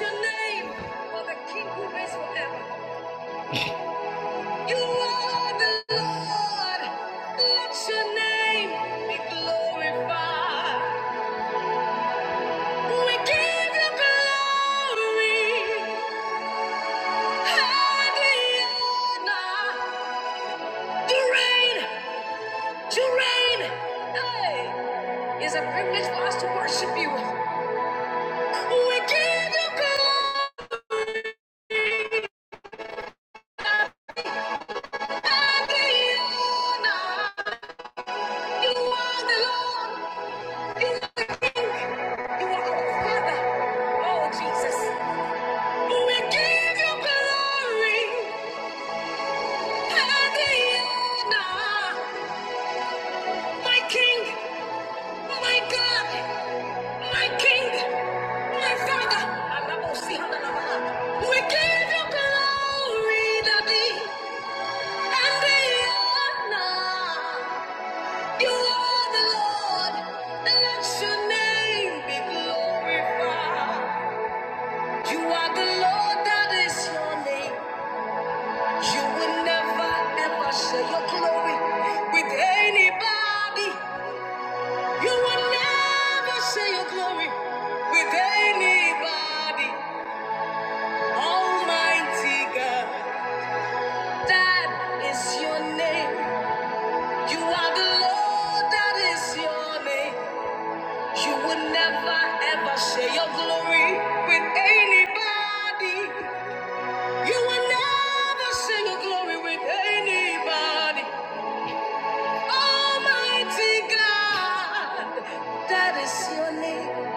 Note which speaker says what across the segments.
Speaker 1: Your name for the King who is forever. You are the Lord. Let your name be glorified. We give you glory. and the honor. You reign. You reign. Hey, it's a privilege for us to worship you. We give you glory. and the honor. You are the Lord. You are the king. You are our father. Oh, Jesus. We give you glory and the honor. My king, my God, my king, my father. We give you glory, Daddy, and the honor. You are the Lord. Let your name be glorified. You are the Lord, that is your name. You will never ever share your glory with anybody. You will never share your glory with anybody. Almighty God, that is your name. You are the Lord, that is your name. You will never ever share your glory with anybody. You will never sing a glory with anybody. Almighty God, that is your name.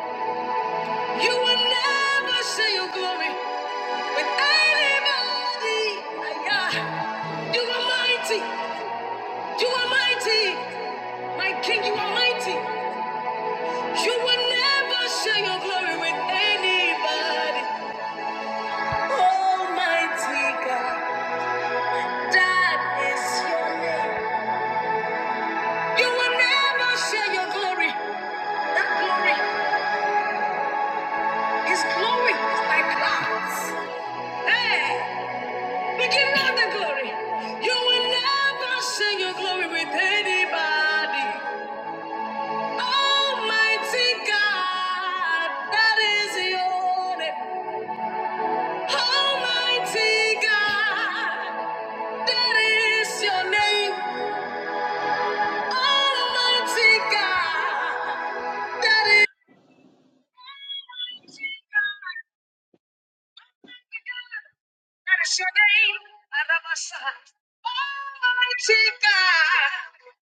Speaker 1: You will never sing your glory with anybody. Aya. You are mighty. You are mighty. My King, you are mighty. You will never share your glory with anybody. Almighty God, that is your name. You will never share your glory. That glory, His glory is like clouds. Hey, we give God the glory. You will never share your glory with anybody. Almighty God, that is your name. Almighty God, that is your name. Almighty God, that is. Your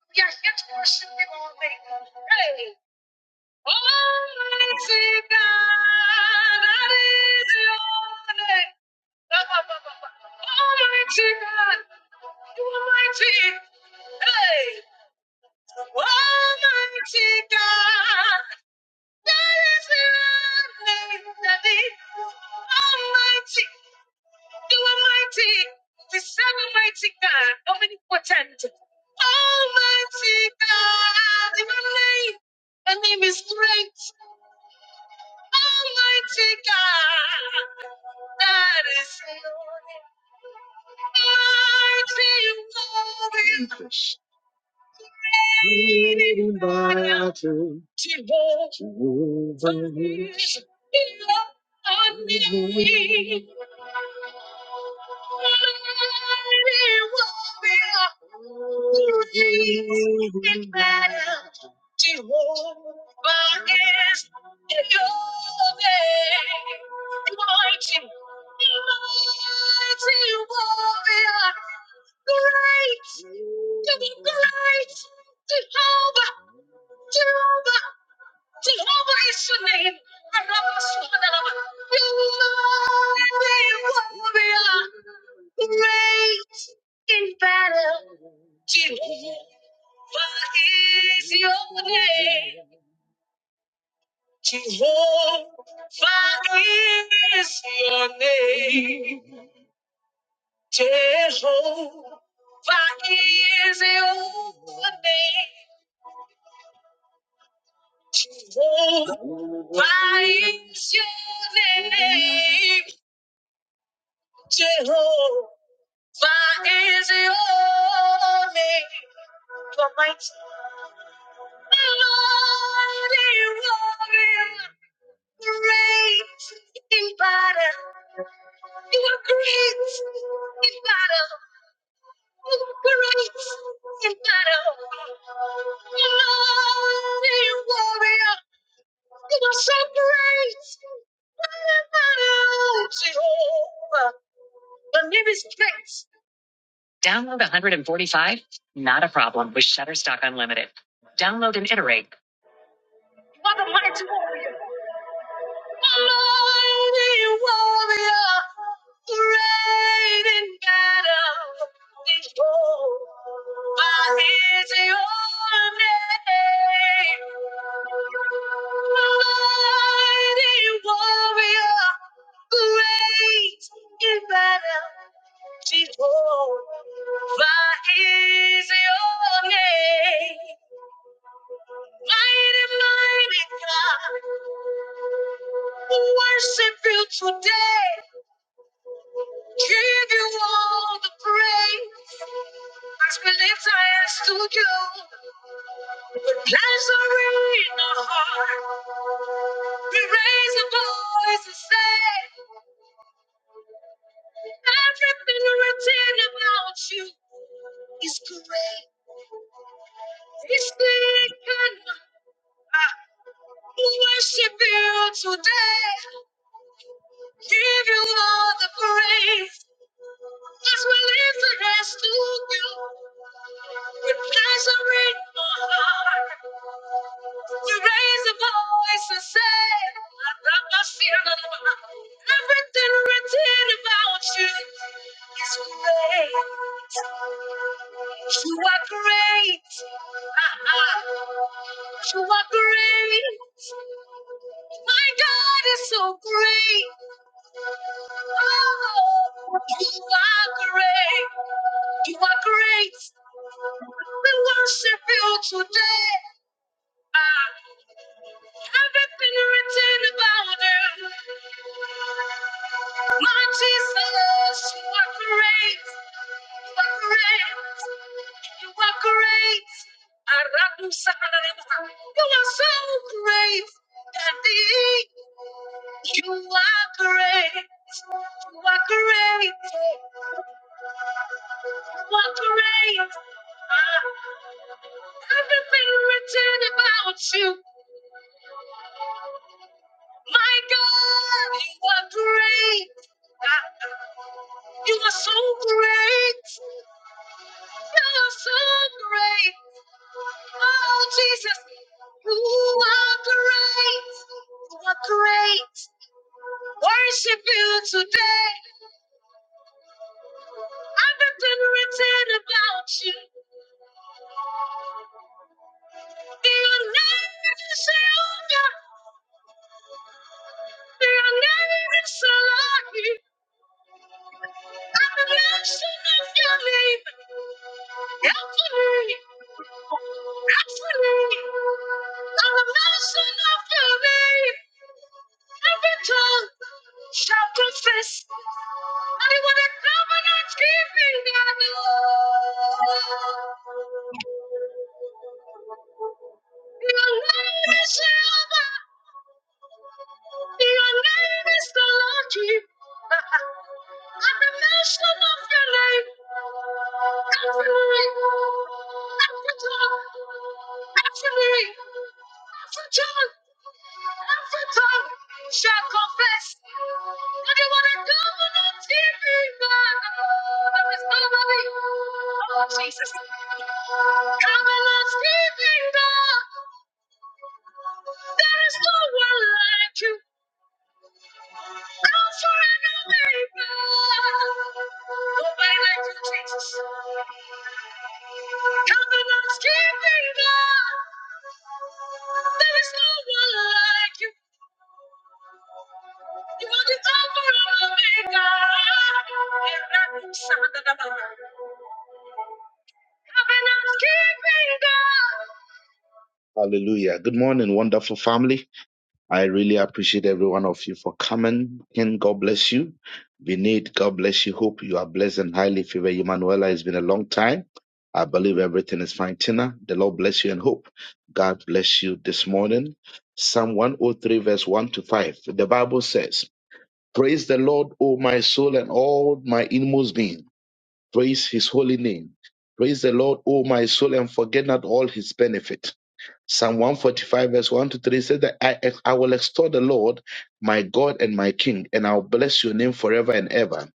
Speaker 1: name, Hey, Almighty God, that is your name. Almighty God, you are mighty. Hey, Almighty God. Almighty, you are mighty, the seven mighty God, omnipotent. Almighty God, your name, your name is great. Almighty God, that is mighty. Mighty, you are. In battle Leading by our truth. Jehovah is your name. Mighty, mighty warrior, great. Christ, Jehovah, Jehovah, Jehovah is your name. Rabasubhanallah. You mighty warrior, great in battle. Jehovah is your name. Jehovah is your name. Jehovah is your name. Jehovah is your name. Jehovah is your name. The mighty Lord, warrior, great in battle. You are great in battle. You are great in battle. mighty warrior. You're so Jehovah. The nearest place. Download 145? Not a problem with Shutterstock Unlimited. Download and iterate. What a mighty warrior. Alone the warrior, great in battle, is born. By his own name. Mighty warrior, great in battle, is born. By his own name. Mighty, mighty God, we worship you today. Give you all the praise as we lift our hands to you. With pleasure in our heart, we raise a voice and say, Everything written about you is great. It's big and we worship you today. Give you all the praise. As we lift our hands to you, we praise and read for heart. We raise a voice and say, Rabba Sira. Everything written about you is great. You are great. Ah, ah. You are great. My God is so great. Oh, you are great. You are great. We worship you today. Ah, everything written about you. My Jesus, you are great. You are great. You are great. Arabu Saharaba. You are so great. Daddy. You are great. You are great. You are great. Ah, everything written about you. My God, you are great. Ah, you are so great. You are so great. Oh, Jesus, you are great. You are great. Worship you today. Everything written about you. Your name is Jehovah. Your name is Salahi. I'm a nation of your name. Help me. Actually, I'm a medicine of your name. Every tongue shall confess that you are the covenant keeping God. Your name is Jehovah. Your name is the Lord. And the mention of your name. Shall confess that they want to dominant TV man. There is nobody. Oh, Jesus. Come and let's give There is no one like you. Goes forever, baby. Nobody like you, Jesus. Come and let's There is no one like you. You are the Alpha and Omega. Hallelujah. Good morning, wonderful family. I really appreciate every one of you for coming. Ken, God bless you. Vinit, God bless you. Hope you are blessed and highly favored. Emanuela, it's been a long time. I believe everything is fine. Tina, the Lord bless you and hope God bless you this morning. Psalm 103, verse 1 to 5. The Bible says, Praise the Lord, O my soul, and all my inmost being. Praise his holy name. Praise the Lord, O my soul, and forget not all his benefit Psalm 145, verse 1 to 3 says that I, I will extol the Lord, my God and my King, and I'll bless your name forever and ever.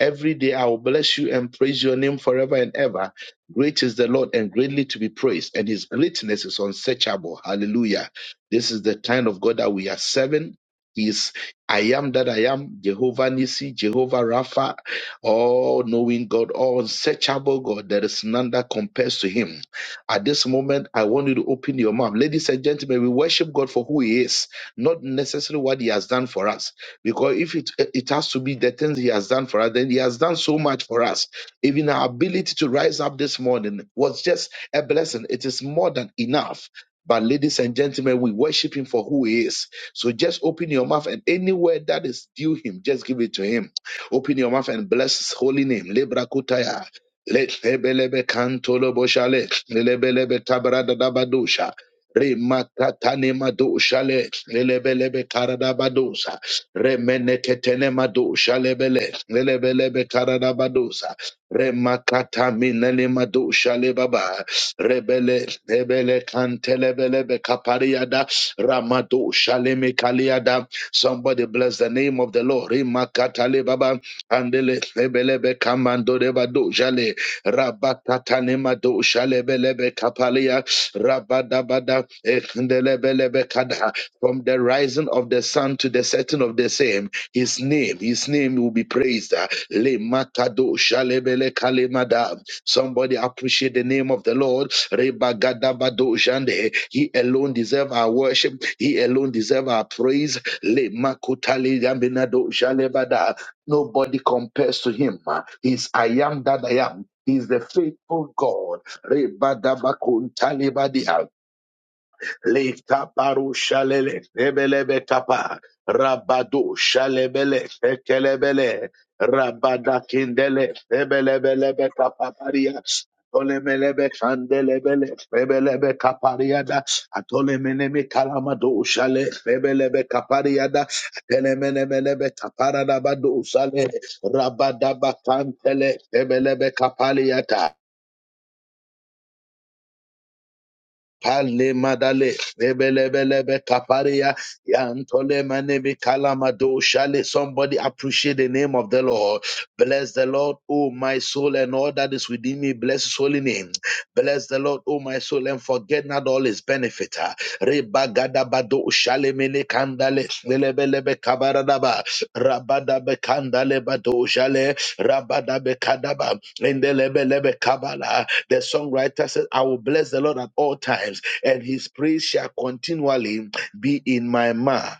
Speaker 1: Every day I will bless you and praise your name forever and ever. Great is the Lord and greatly to be praised, and his greatness is unsearchable. Hallelujah. This is the kind of God that we are serving. He is I am that I am, Jehovah Nissi, Jehovah Rapha, all knowing God, all unsearchable God. There is none that compares to him. At this moment, I want you to open your mouth. Ladies and gentlemen, we worship God for who He is, not necessarily what He has done for us. Because if it, it has to be the things He has done for us, then He has done so much for us. Even our ability to rise up this morning was just a blessing, it is more than enough. But, ladies and gentlemen, we worship Him for who He is. So just open your mouth and anywhere that is due Him, just give it to Him. Open your mouth and bless His holy name. Lebrakutaya. Lefebelebe kantolo boshale, lelebelebe tabrada dabadusha, rimakatane madushale, lelebelebe karadabadusa, remeneketene madusha lebele, lelebelebe karadabadusa, remakataminele madusha lebaba, rebele, lebele kantelebelebe kapariada, ramadusha lemekaliada. Somebody bless the name of the Lord. Rimakatale baba, andele lebelebe kamando debadusha le, Rabakatanema do shalebelebe kapalia rabadabada ekandelebelebe kada. From the rising of the sun to the setting of the same, his name, his name will be praised. Le makado shalebele kalemada. Somebody appreciate the name of the Lord. Rebagadabado jande. He alone deserves our worship. He alone deserves our praise. Le makutali gambinado shalebada. Nobody compares to him. He's I am that I am is the faithful God. Rebadabakuntalibadia, lekabarushalele, ebelebetapa, Rabado shalebele, ekelebele, rabadakindele, ebelebelebetapaparia, atolemelebe kandelebele, ebelebe kapariada, atolemeneme kalamado shale, ebelebe kapariada, atelemenemelebe taparadabado shale, rabadabakantele, ebelebe kapaliata, Pale madale lebelebelebe kaparia yantole manemi kalamado shale. Somebody appreciate the name of the Lord. Bless the Lord, oh my soul, and all that is within me. Bless His holy name. Bless the Lord, oh my soul, and forget not all His benefit. Rebagada bado shale mele kandale lebelebe kabaradaba rabada be kandale bado shale rabada be kadaba indelebelebe kabala. The songwriter says. I will bless the Lord at all times, and his praise shall continually be in my mouth.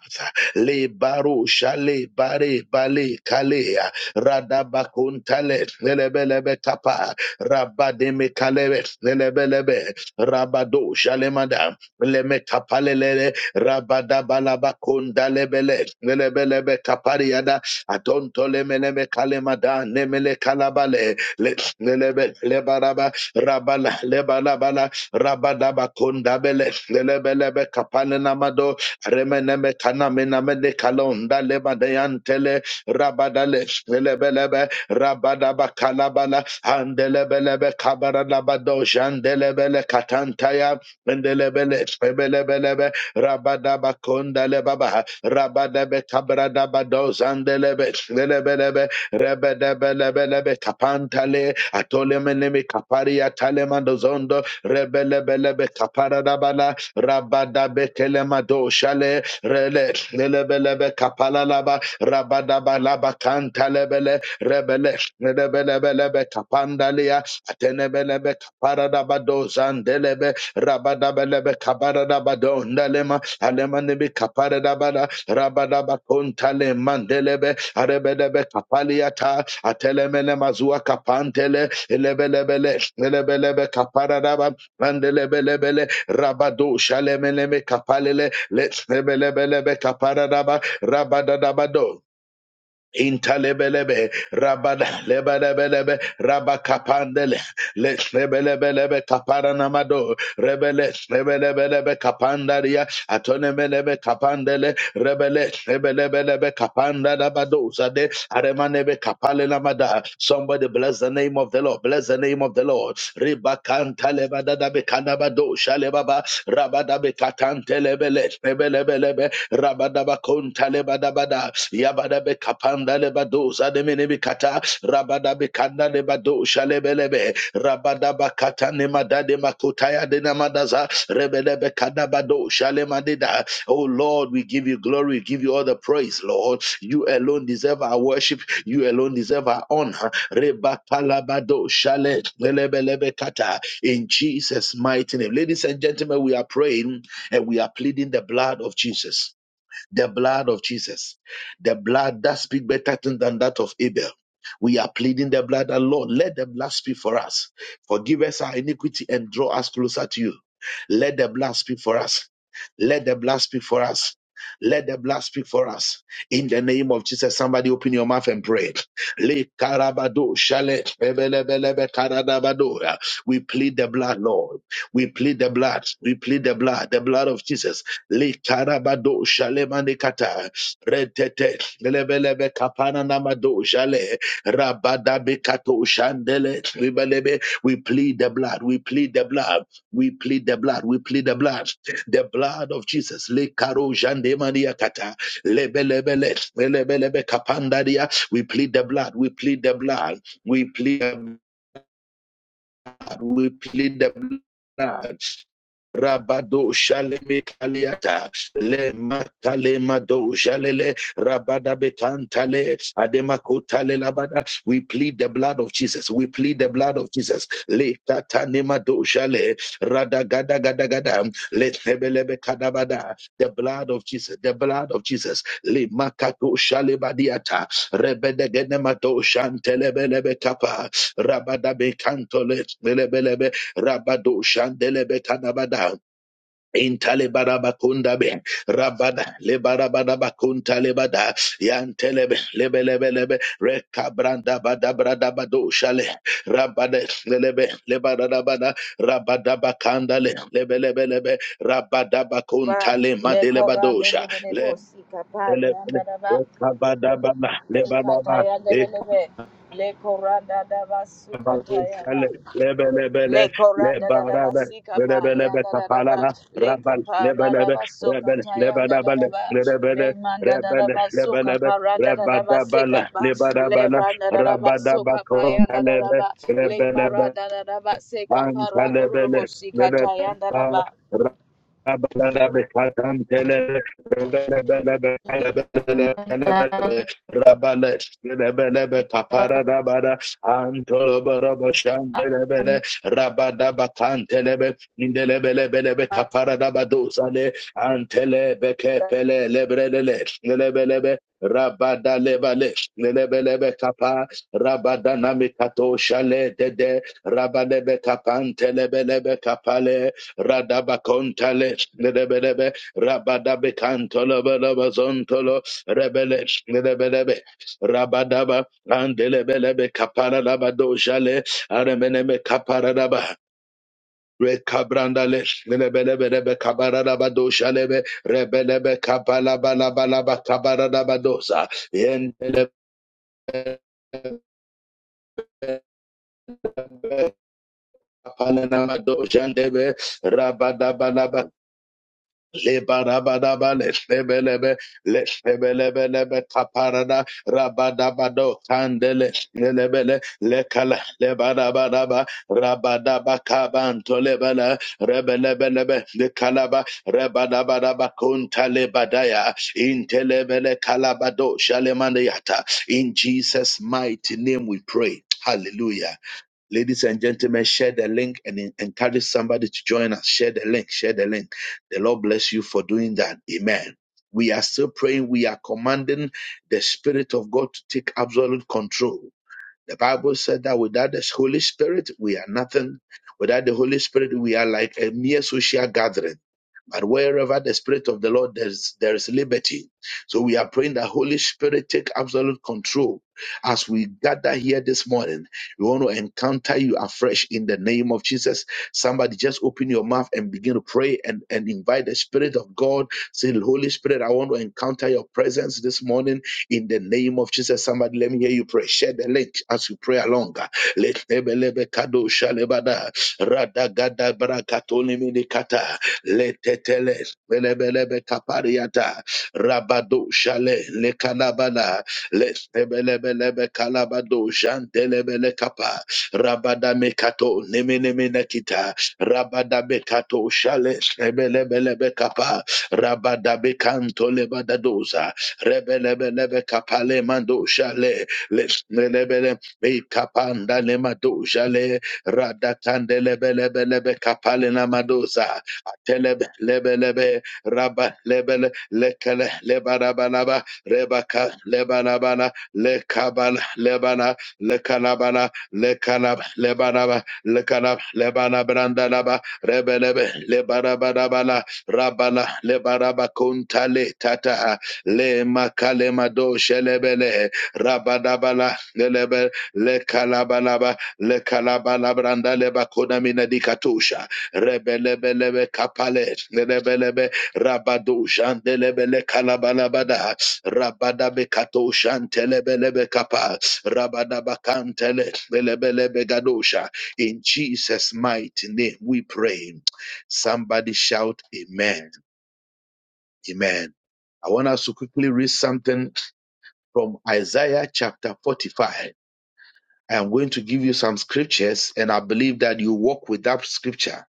Speaker 1: Le baro shale bare bale kalea radabakuntale lelebelebe kapa rabademe kalebe lelebelebe rabado shalemada leme kapalelele rabadabalaba lelebelebe kapariada atontolemeleme kalemada nemele kalabale le lebe lebaraba rabala lebalabala rabadaba kondabele lelebelebe kapane namado remeneme kanamename de kalonda lebadeyantele rabadale lelebelebe rabadaba kalabala andelebelebe kabaradabado jandelebele katantaya mendelebele ebelebelebe rabadaba kondale baba rabadabe kabradabado zandelebe lelebelebe rebelebelebelebe kapantale atolemenemi kaparia talemandozondo rebelebelebe kaparadabala rabadabetelemadosale rele lelebelebe kapalalaba rabadabalaba kantalebele rebele rebelebelebe kapandalia Atenebelebe kaparadabado zandelebe rabadabelebe kabaradabado ndalema alemanebe kaparadabada rabadabakontale mandelebe arebedebe kapaliata atelemele mazua kapantele elebelebele elebelebe kaparadaba mandelebelebele rabado shalemeleme kapalele Let's lebelebelebe kaparadaba rabadadabado Intalebelebe, rabada, lebelebelebe, rabakapandele, le- lebelebelebe, kaparanamado, rebele, lebelebelebe, kapandaria, atonemelebe, kapandele, rebele, lebelebelebe, kapandadabadozade, aremanebe, kapale namada. Somebody bless the name of the Lord. Bless the name of the Lord. Ribakanta Ribakantalebadadabe, kanabado, shalebaba, rabadabe, katantelebele, lebelebelebe, rabada. Rabadaba konta lebadabada. Yabadabe kapanda lebadosa demenebikata. Rabadabe kanda lebadosha lebelebe. Rabadaba kata nemadade makotaya denamadaza. Rebelebe kadabadosha lemadida. Oh Lord, we give you glory. We give you all the praise, Lord. You alone deserve our worship. You alone deserve our honor. Rebakalabadosha shale lebelebe kata. In Jesus' mighty name. Ladies and gentlemen, we are praying and we are pleading the blood of Jesus the blood of Jesus. The blood that speaks better things than that of Abel. We are pleading the blood, and Lord, let the blood speak for us. Forgive us our iniquity and draw us closer to you. Let the blood speak for us. Let the blood speak for us. Let the blood speak for us. In the name of Jesus, somebody open your mouth and pray. Le karabado shale ebelebelebe karadabado. We plead the blood, Lord. We plead the blood. We plead the blood. The blood of Jesus. Likarabado Shalemanekata Retete Lebelebe Kapana Namado Shale Rabadabe Kato Shandele Libelebe. We plead the blood, we plead the blood, we plead the blood, we plead the blood, the blood of Jesus. Likaro Jandemaniakata Lebelebele Lebelebe Kapandaria. We plead the blood, we plead the blood, we plead the blood, we plead the blood. Rabado Shaleme Kaliata, Le Matale Jalele, Rabada Betantale, Ademakotale Labada. We plead the blood of Jesus. We plead the blood of Jesus. Le Tatanema Jale, Radagada Gada Le Tebelebe Kadabada, the blood of Jesus, the blood of Jesus. Le Makato Shale Rebede Genemato Shantelebelebe Kapa, Rabada Bekantole, Rabado Shandelebe Kadabada. Intale barabakunda be rabada le barabada bakunta le bada yantelebe lebe lebe lebe rekabranda bada brada bado shale rabada lebe le barada bada rabada bakanda le lebe lebe lebe rabada
Speaker 2: ba
Speaker 1: bakunta le
Speaker 2: le
Speaker 1: madele
Speaker 2: korande
Speaker 1: badosha
Speaker 2: de de de
Speaker 1: le
Speaker 2: bosi
Speaker 1: le
Speaker 2: kapale
Speaker 1: le le-
Speaker 2: anda da ba
Speaker 1: Kabadabana, lebanaba,
Speaker 2: ikataya de de de be le koranda da ba su sukataya ma
Speaker 1: Rabusele, lebe, lebe,
Speaker 2: le
Speaker 1: le,
Speaker 2: koranda
Speaker 1: leba,
Speaker 2: da da ba
Speaker 1: rabe,
Speaker 2: si
Speaker 1: lebe,
Speaker 2: sikapale
Speaker 1: lebe,
Speaker 2: anda da da ba
Speaker 1: kapalala,
Speaker 2: le
Speaker 1: rabal,
Speaker 2: kapa
Speaker 1: lebe,
Speaker 2: da da
Speaker 1: lebe,
Speaker 2: ba
Speaker 1: rebel,
Speaker 2: sukataya
Speaker 1: lebe,
Speaker 2: anda
Speaker 1: lebe,
Speaker 2: da da
Speaker 1: le,
Speaker 2: ba
Speaker 1: lebe, le,
Speaker 2: le manda da
Speaker 1: rebel,
Speaker 2: da ba
Speaker 1: lebe, lebe,
Speaker 2: sukaparanda da da ba si
Speaker 1: rebadabala,
Speaker 2: sikapa le
Speaker 1: lebadabala,
Speaker 2: randa da da ba
Speaker 1: rabadabako,
Speaker 2: sukapaya anda da da
Speaker 1: lebe,
Speaker 2: ba le
Speaker 1: lebe lebe,
Speaker 2: maranda da da ba si caparando ro ro bo
Speaker 1: Antalebele,
Speaker 2: si sikataya anda da
Speaker 1: Rebeba,
Speaker 2: ba
Speaker 1: Rabaladabe, Katantele, Rebelebelebe, Telebelebe, Rabale, Rebelebe, Kaparadabada, Antoloborabo, Shandelebele, Rabadaba, Kantelebe, Indelebelebelebe, Kaparadabadozale, Antelebe, Kepele, Lebrelele, Lebelebe, Rabadalebale, Lebelebe, Kapa, Rabadanamikato, Shale, Dede, Rabalebe kapante lebelebe kapale radaba kontale lebelebe rabadabe kantolo belebe zontolo rebele lebelebe rabadaba andelebelebe kapara laba dojale aremeneme kapara laba Rekabrandale, lebelebelebe kabaraba doshalebe, rebelebe kabalaba laba laba kabaraba dosa, yendelebe kapalanaba doshandebe, Lebarabadaba, leshebelebe, leshebelebelebe, kaparada, rabadabado, kandele, lelebele, lekala, lebarabadaba, rabadaba, kabanto, lebele, rebelebelebe, lekalaba, rebadabadaba, kunta, lebadaya, intelebele, kalabado, shalemandeyata. In Jesus' mighty name we pray. Hallelujah. Ladies and gentlemen, share the link and encourage somebody to join us. Share the link, share the link. The Lord bless you for doing that. Amen. We are still praying. We are commanding the Spirit of God to take absolute control. The Bible said that without the Holy Spirit, we are nothing. Without the Holy Spirit, we are like a mere social gathering but wherever the Spirit of the Lord there's there is liberty. So we are praying that Holy Spirit take absolute control as we gather here this morning. We want to encounter you afresh in the name of Jesus. Somebody just open your mouth and begin to pray and, and invite the Spirit of God. Say, Holy Spirit, I want to encounter your presence this morning in the name of Jesus. Somebody let me hear you pray. Share the link as you pray along. Let- lebe- lebe- kado- shalebada. Radagada- brakatoni- minikata letetele belebelebe kapariata rabado shale le kanabana le belebelebe kalabado jantelebele kapa rabada mekato nemenemene kita rabada bekato shale lebelebelebe kapa rabada bekanto lebadadoza rebelebelebe kapale mando shale le lebele bekapanda le mado shale radakandelebelebelebe kapale na madoza Atelebe, lebe, lebe, raba, lebele, lekele, lebarabanaba, rebaka, lebanabana, lekabana, lebana, lekanabana, lekanab, lebanaba, lekanab, lebanabrandanaba, rebelebe, lebarabadabana, rabana, lebarabakuntale, tata, le makalemado, shelebele, rabadabana, lelebe, lekalabanaba, lekalabanabrandeleba, kodamina dikatusha, Rebelebelebe kapale, lebelebe rabado shandelebele kalabalabada, rabadabe kato shantelebelebe kapa, rabadabakantele, lebelebe gadosha. In Jesus' mighty name we pray. Somebody shout amen. Amen. I want us to quickly read something from Isaiah chapter 45. I am going to give you some scriptures and I believe that you walk with that scripture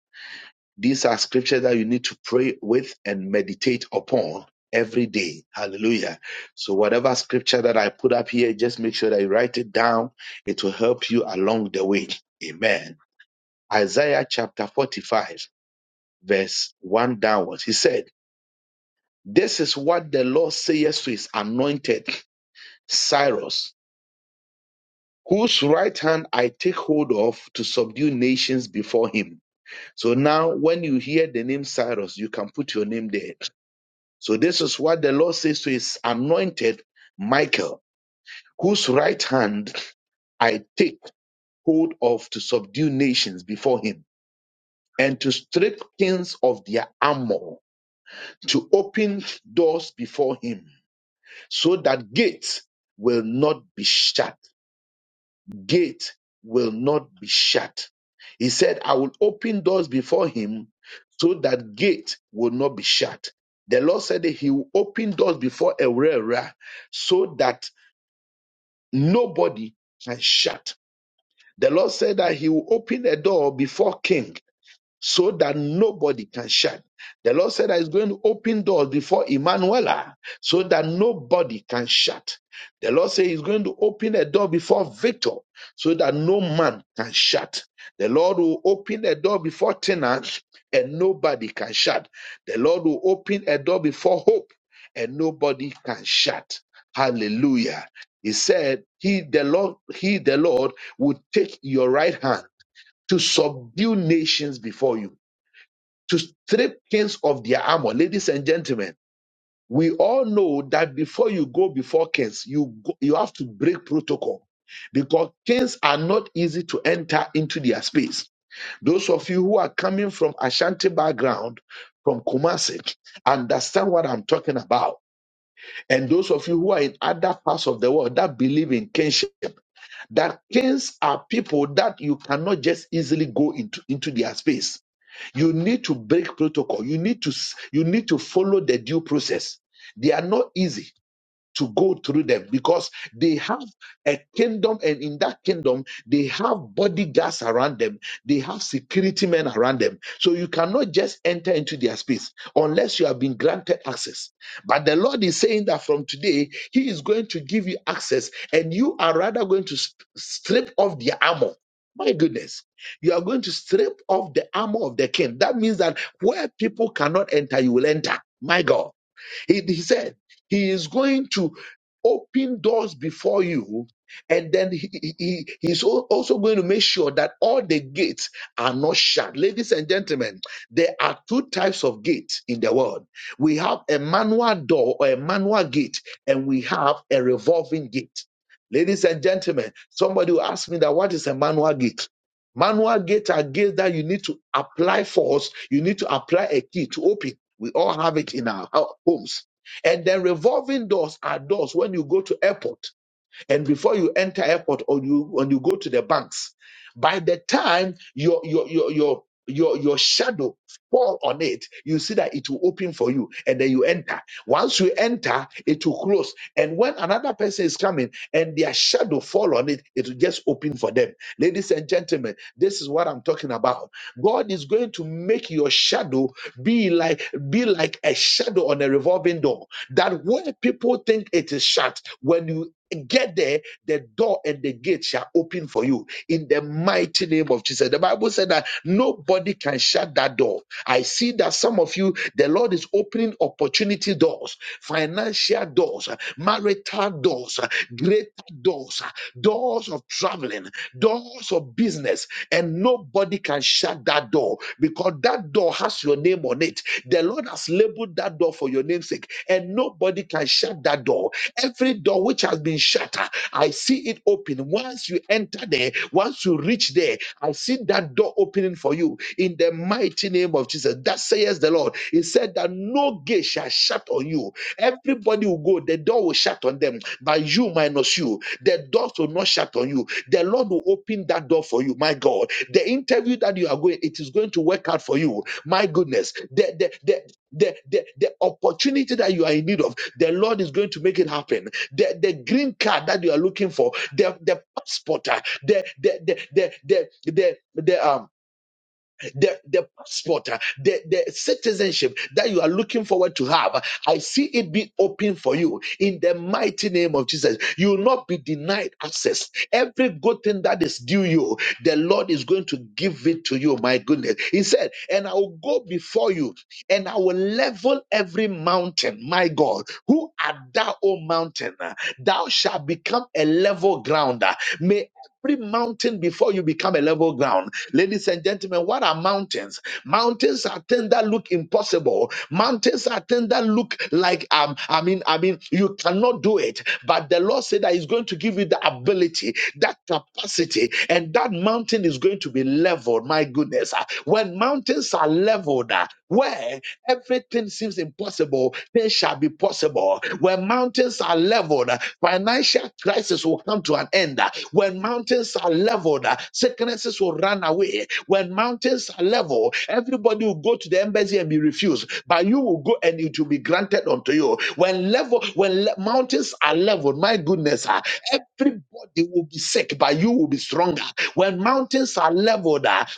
Speaker 1: These are scriptures that you need to pray with and meditate upon every day. Hallelujah. So, whatever scripture that I put up here, just make sure that you write it down. It will help you along the way. Amen. Isaiah chapter 45, verse 1 downwards. He said, This is what the Lord says to his anointed Cyrus, whose right hand I take hold of to subdue nations before him. So now, when you hear the name Cyrus, you can put your name there. So this is what the Lord says to his anointed Michael, whose right hand I take hold of to subdue nations before him and to strip kings of their armor, to open doors before him so that gates will not be shut. Gate will not be shut. He said, I will open doors before him so that gate will not be shut. The Lord said that he will open doors before Erera so that nobody can shut. The Lord said that He will open a door before King so that nobody can shut. The Lord said that He's going to open doors before Emmanuela so that nobody can shut. The Lord said He's going to open a door before Victor so that no man can shut. The Lord will open a door before tenants and nobody can shut. The Lord will open a door before hope and nobody can shut. Hallelujah. He said, He the Lord, He the Lord will take your right hand to subdue nations before you to strip kings of their armor. Ladies and gentlemen, we all know that before you go before kings, you go, you have to break protocol because kings are not easy to enter into their space. Those of you who are coming from Ashanti background, from Kumasi, understand what I'm talking about. And those of you who are in other parts of the world that believe in kingship, that kings are people that you cannot just easily go into, into their space you need to break protocol. You need to you need to follow the due process. They are not easy to go through them because they have a kingdom, and in that kingdom, they have bodyguards around them, they have security men around them. So you cannot just enter into their space unless you have been granted access. But the Lord is saying that from today, He is going to give you access, and you are rather going to s- strip off their armor. My goodness, you are going to strip off the armor of the king. That means that where people cannot enter, you will enter. My God. He, he said he is going to open doors before you, and then he, he, he- he's al- also going to make sure that all the gates are not shut. Ladies and gentlemen, there are two types of gates in the world. We have a manual door or a manual gate, and we have a revolving gate. Ladies and gentlemen, somebody will ask me that what is a manual gate? Manual gates are gates that you need to apply force, you need to apply a key to open. We all have it in our ho- homes. And then revolving doors are doors when you go to airport and before you enter airport or you when you go to the banks by the time your your your your your, your shadow fall on it you see that it will open for you and then you enter once you enter it will close and when another person is coming and their shadow fall on it it will just open for them ladies and gentlemen this is what i'm talking about god is going to make your shadow be like be like a shadow on a revolving door that where people think it is shut when you get there, the door and the gate shall open for you in the mighty name of Jesus. The Bible said that nobody can shut that door. I see that some of you, the Lord is opening opportunity doors, financial doors, marital doors, greater doors, doors of traveling, doors of business, and nobody can shut that door because that door has your name on it. The Lord has labeled that door for your namesake, and nobody can shut that door Every door which has been shut, ah, I see it open. Once you enter there, once you reach there, I see that door opening for you in the mighty name of Jesus. That says the Lord. He said that no gate shall shut on you. Everybody will go, the door will shut on them, but you minus you, the doors will not shut on you. The Lord will open that door for you. My God, the interview that you are going, it is going to work out for you. My goodness, the the the the the, the opportunity that you are in need of the Lord is going to make it happen. The, the green card that you are looking for, the, the passport, uh, the, the, the, the, the, the, the, the, um, the, the passport, uh, the, the citizenship that you are looking forward to have, uh, I see it be open for you in the mighty name of Jesus. You will not be denied access. Every good thing that is due you, the Lord is going to give it to you. My goodness. He said, and I will go before you and I will level every mountain. My God, who art thou, O mountain? Thou shalt become a level ground May every mountain before you become a level ground Ladies and gentlemen, what are mountains? Mountains are things that look impossible. Mountains are things that look like um, I mean, I mean, you cannot do it. But the Lord said that He's going to give you the ability, that capacity, and that mountain is going to be leveled. My goodness, Ah, when mountains are leveled, ah, where Everything seems impossible. Things shall be possible. When mountains are leveled, financial crisis will come to an end. When mountains are leveled, sicknesses will run away. When mountains are leveled, everybody will go to the embassy and be refused. But you will go and it will be granted unto you. When level, when le- mountains are leveled, my goodness, ah, everybody will be sick, but you will be stronger. When mountains are leveled, ah,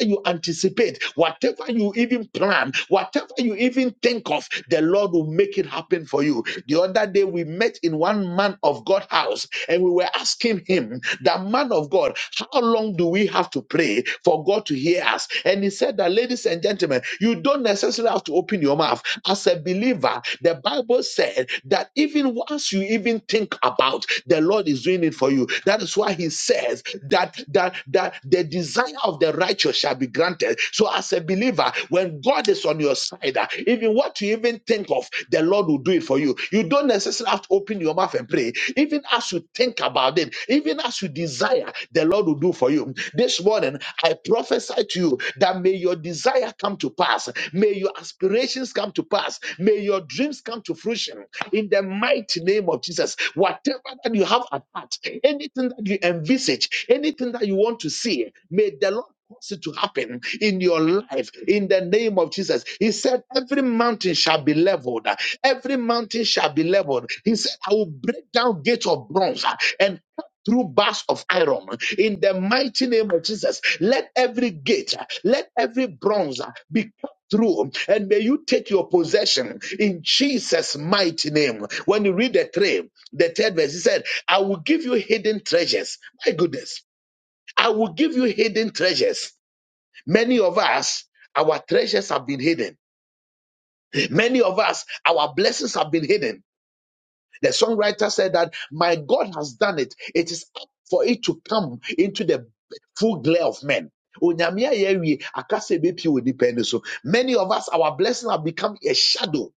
Speaker 1: you anticipate, whatever you even plan, whatever you even think of, the Lord will make it happen for you. The other day we met in one man of God house and we were asking him, the man of God, how long do we have to pray for God to hear us? And he said that, ladies and gentlemen, you don't necessarily have to open your mouth. As a believer, the Bible said that even once you even think about, the Lord is doing it for you. That is why He says that that that the desire of the righteous shall be granted. So, as a believer, when God is on your side, ah, even what you even think of, the Lord will do it for you. You don't necessarily have to open your mouth and pray. Even as you think about it, even as you desire, the Lord Lord will do for you. This morning, I prophesy to you that may your desire come to pass. May your aspirations come to pass. May your dreams come to fruition in the mighty name of Jesus. Whatever that you have at heart, anything that you envisage, anything that you want to see, may the Lord cause it to happen in your life in the name of Jesus. He said, Every mountain shall be leveled, every mountain shall be leveled. He said, I will break down gates of bronze and." through bars of iron in the mighty name of Jesus. Let every gate, let every bronze be cut through and may you take your possession in Jesus' mighty name. When you read the three, the third verse, he said, I will give you hidden treasures. My goodness, I will give you hidden treasures. Many of us, our treasures have been hidden. Many of us, our blessings have been hidden. The songwriter said that my God has done it. It is up for it to come into the full glare of men. Onyame ayɛ awie, akasa ebepie wɔ nnipa ani so. Many of us, our blessing have become a shadow.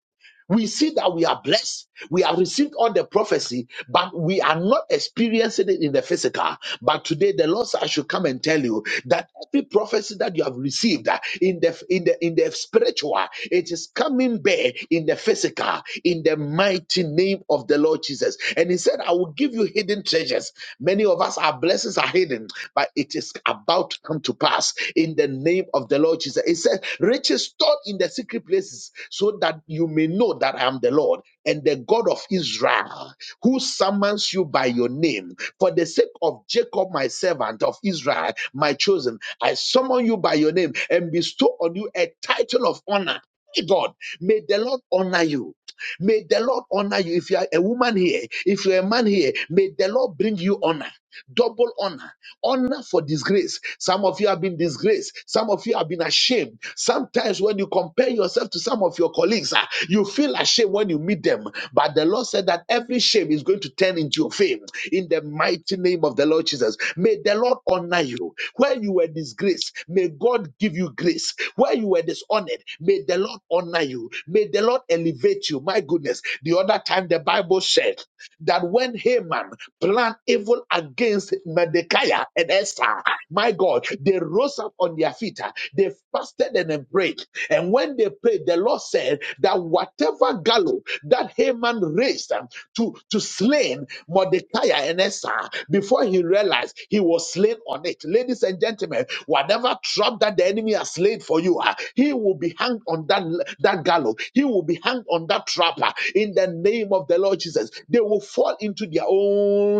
Speaker 1: We see that we are blessed. We have received all the prophecy, but we are not experiencing it in the physical. But today, the Lord said, I should come and tell you that every prophecy that you have received uh, in the in the in the spiritual, it is coming bare in the physical power in the mighty name of the Lord Jesus. And he said, I will give you hidden treasures. Many of us, our blessings are hidden, but it is about to come to pass in the name of the Lord Jesus. It says, riches stored in the secret places so that you may know that I am the Lord and the God of Israel who summons you by your name. For the sake of Jacob, my servant of Israel, my chosen, I summon you by your name and bestow on you a title of honor. My God, may the Lord honor you. May the Lord honor you. If you are a woman here, if you're a man here, may the Lord bring you honor. Double honor. Honor for disgrace. Some of you have been disgraced. Some of you have been ashamed. Sometimes when you compare yourself to some of your colleagues, ah, you feel ashamed when you meet them. But the Lord said that every shame is going to turn into your fame in the mighty name of the Lord Jesus. May the Lord honor you. Where you were disgraced, may God give you grace. Where you were dishonored, may the Lord honor you. May the Lord elevate you. My goodness. The other time the Bible said that when Haman planned evil against Mordecai and Esther, my God, they rose up on their feet. uh, They fasted and then prayed. And when they prayed, the Lord said that whatever gallows that Haman raised, to, to slain Mordecai and Esther before he realized he was slain on it. Ladies and gentlemen, whatever trap that the enemy has laid for you, ah, he will be hanged on that, that gallows. He will be hanged on that trapper in the name of the Lord Jesus. They will fall into their own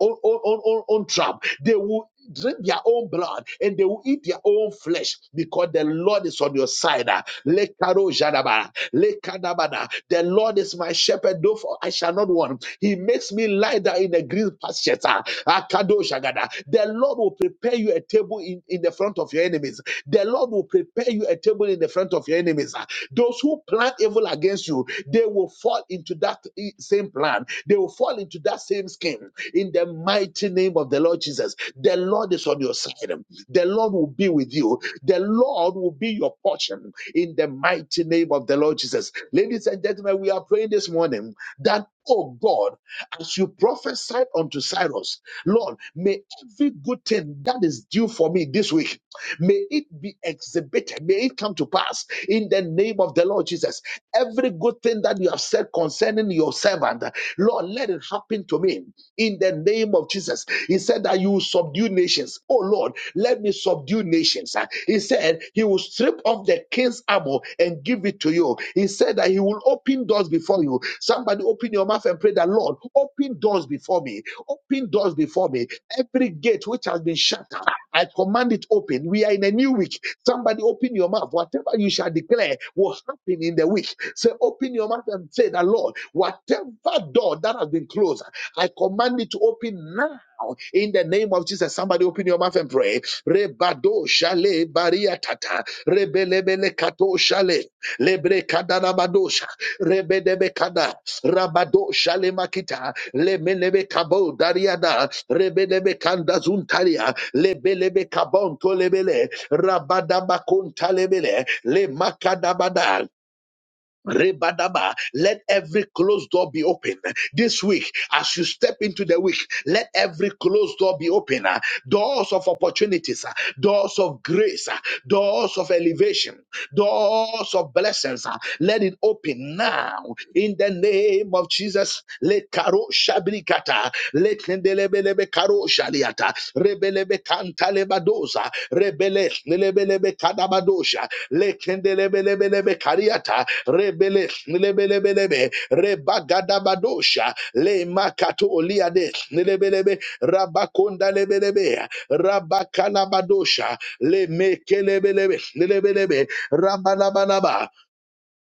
Speaker 1: own, own, own, own, own trap. They will drink their own blood and they will eat their own flesh because the Lord is on your side. ah. Lekaro jadaba, lekadabada. The Lord is my shepherd, though I shall not want. He makes me lie down in the green pastures. ah. Akado jagada. The Lord will prepare you a table in, in the front of your enemies. The Lord will prepare you a table in the front of your enemies. ah. Those who plan evil against you, they will fall into that eh, same plan. They will fall into that same scheme in the mighty name of the Lord Jesus. The Lord is on your side. The Lord will be with you. The Lord will be your portion in the mighty name of the Lord Jesus. Ladies and gentlemen, we are praying this morning that, oh God, as you prophesied unto Cyrus, Lord, may every good thing that is due for me this week, may it be exhibited, may it come to pass in the name of the Lord Jesus. Every good thing that you have said concerning your servant, Lord, let it happen to me in the name of Jesus. He said that you will subdue nations. Oh Lord, let me subdue nations. Uh, He said he will strip off the king's armor and give it to you. He said that he will open doors before you. Somebody open your mouth and pray that Lord, open doors before me. Open doors before me. Every gate which has been shut, I command it open. We are in a new week. Somebody open your mouth. Whatever you shall declare will happen in the week. Say, open your mouth and say that Lord, whatever door that has been closed. I command it to open now. In the name of Jesus, somebody open your mouth and pray. Rebado shale bariatata, rebelebele kato shale, lebre kadana badosha, rebedebe kada, rabado shale makita, lemelebe kabo dariada, rebedebe kanda zuntaria, lebelebe kabon tolebele, rabadaba kontalebele, le makadabada, Rebadaba. Let every closed door be open this week. As you step into the week, let every closed door be open. uh, Doors of opportunities, uh, doors of grace, uh, doors of elevation Doors of blessings, ah, let it open now in the name of Jesus. Let karo shabrikata, let kendelebelebe karo shaliata, rebelebe kantalebadoza, rebele nelebelebe kadabadosha, Let kendelebelebelebe kariata, rebele nelebelebelebe rebagadabadosha, le makato liade nelebelebe rabakonda lebelebe rabakalabadosha, le mekelebelebe nelebelebe Rambalaba.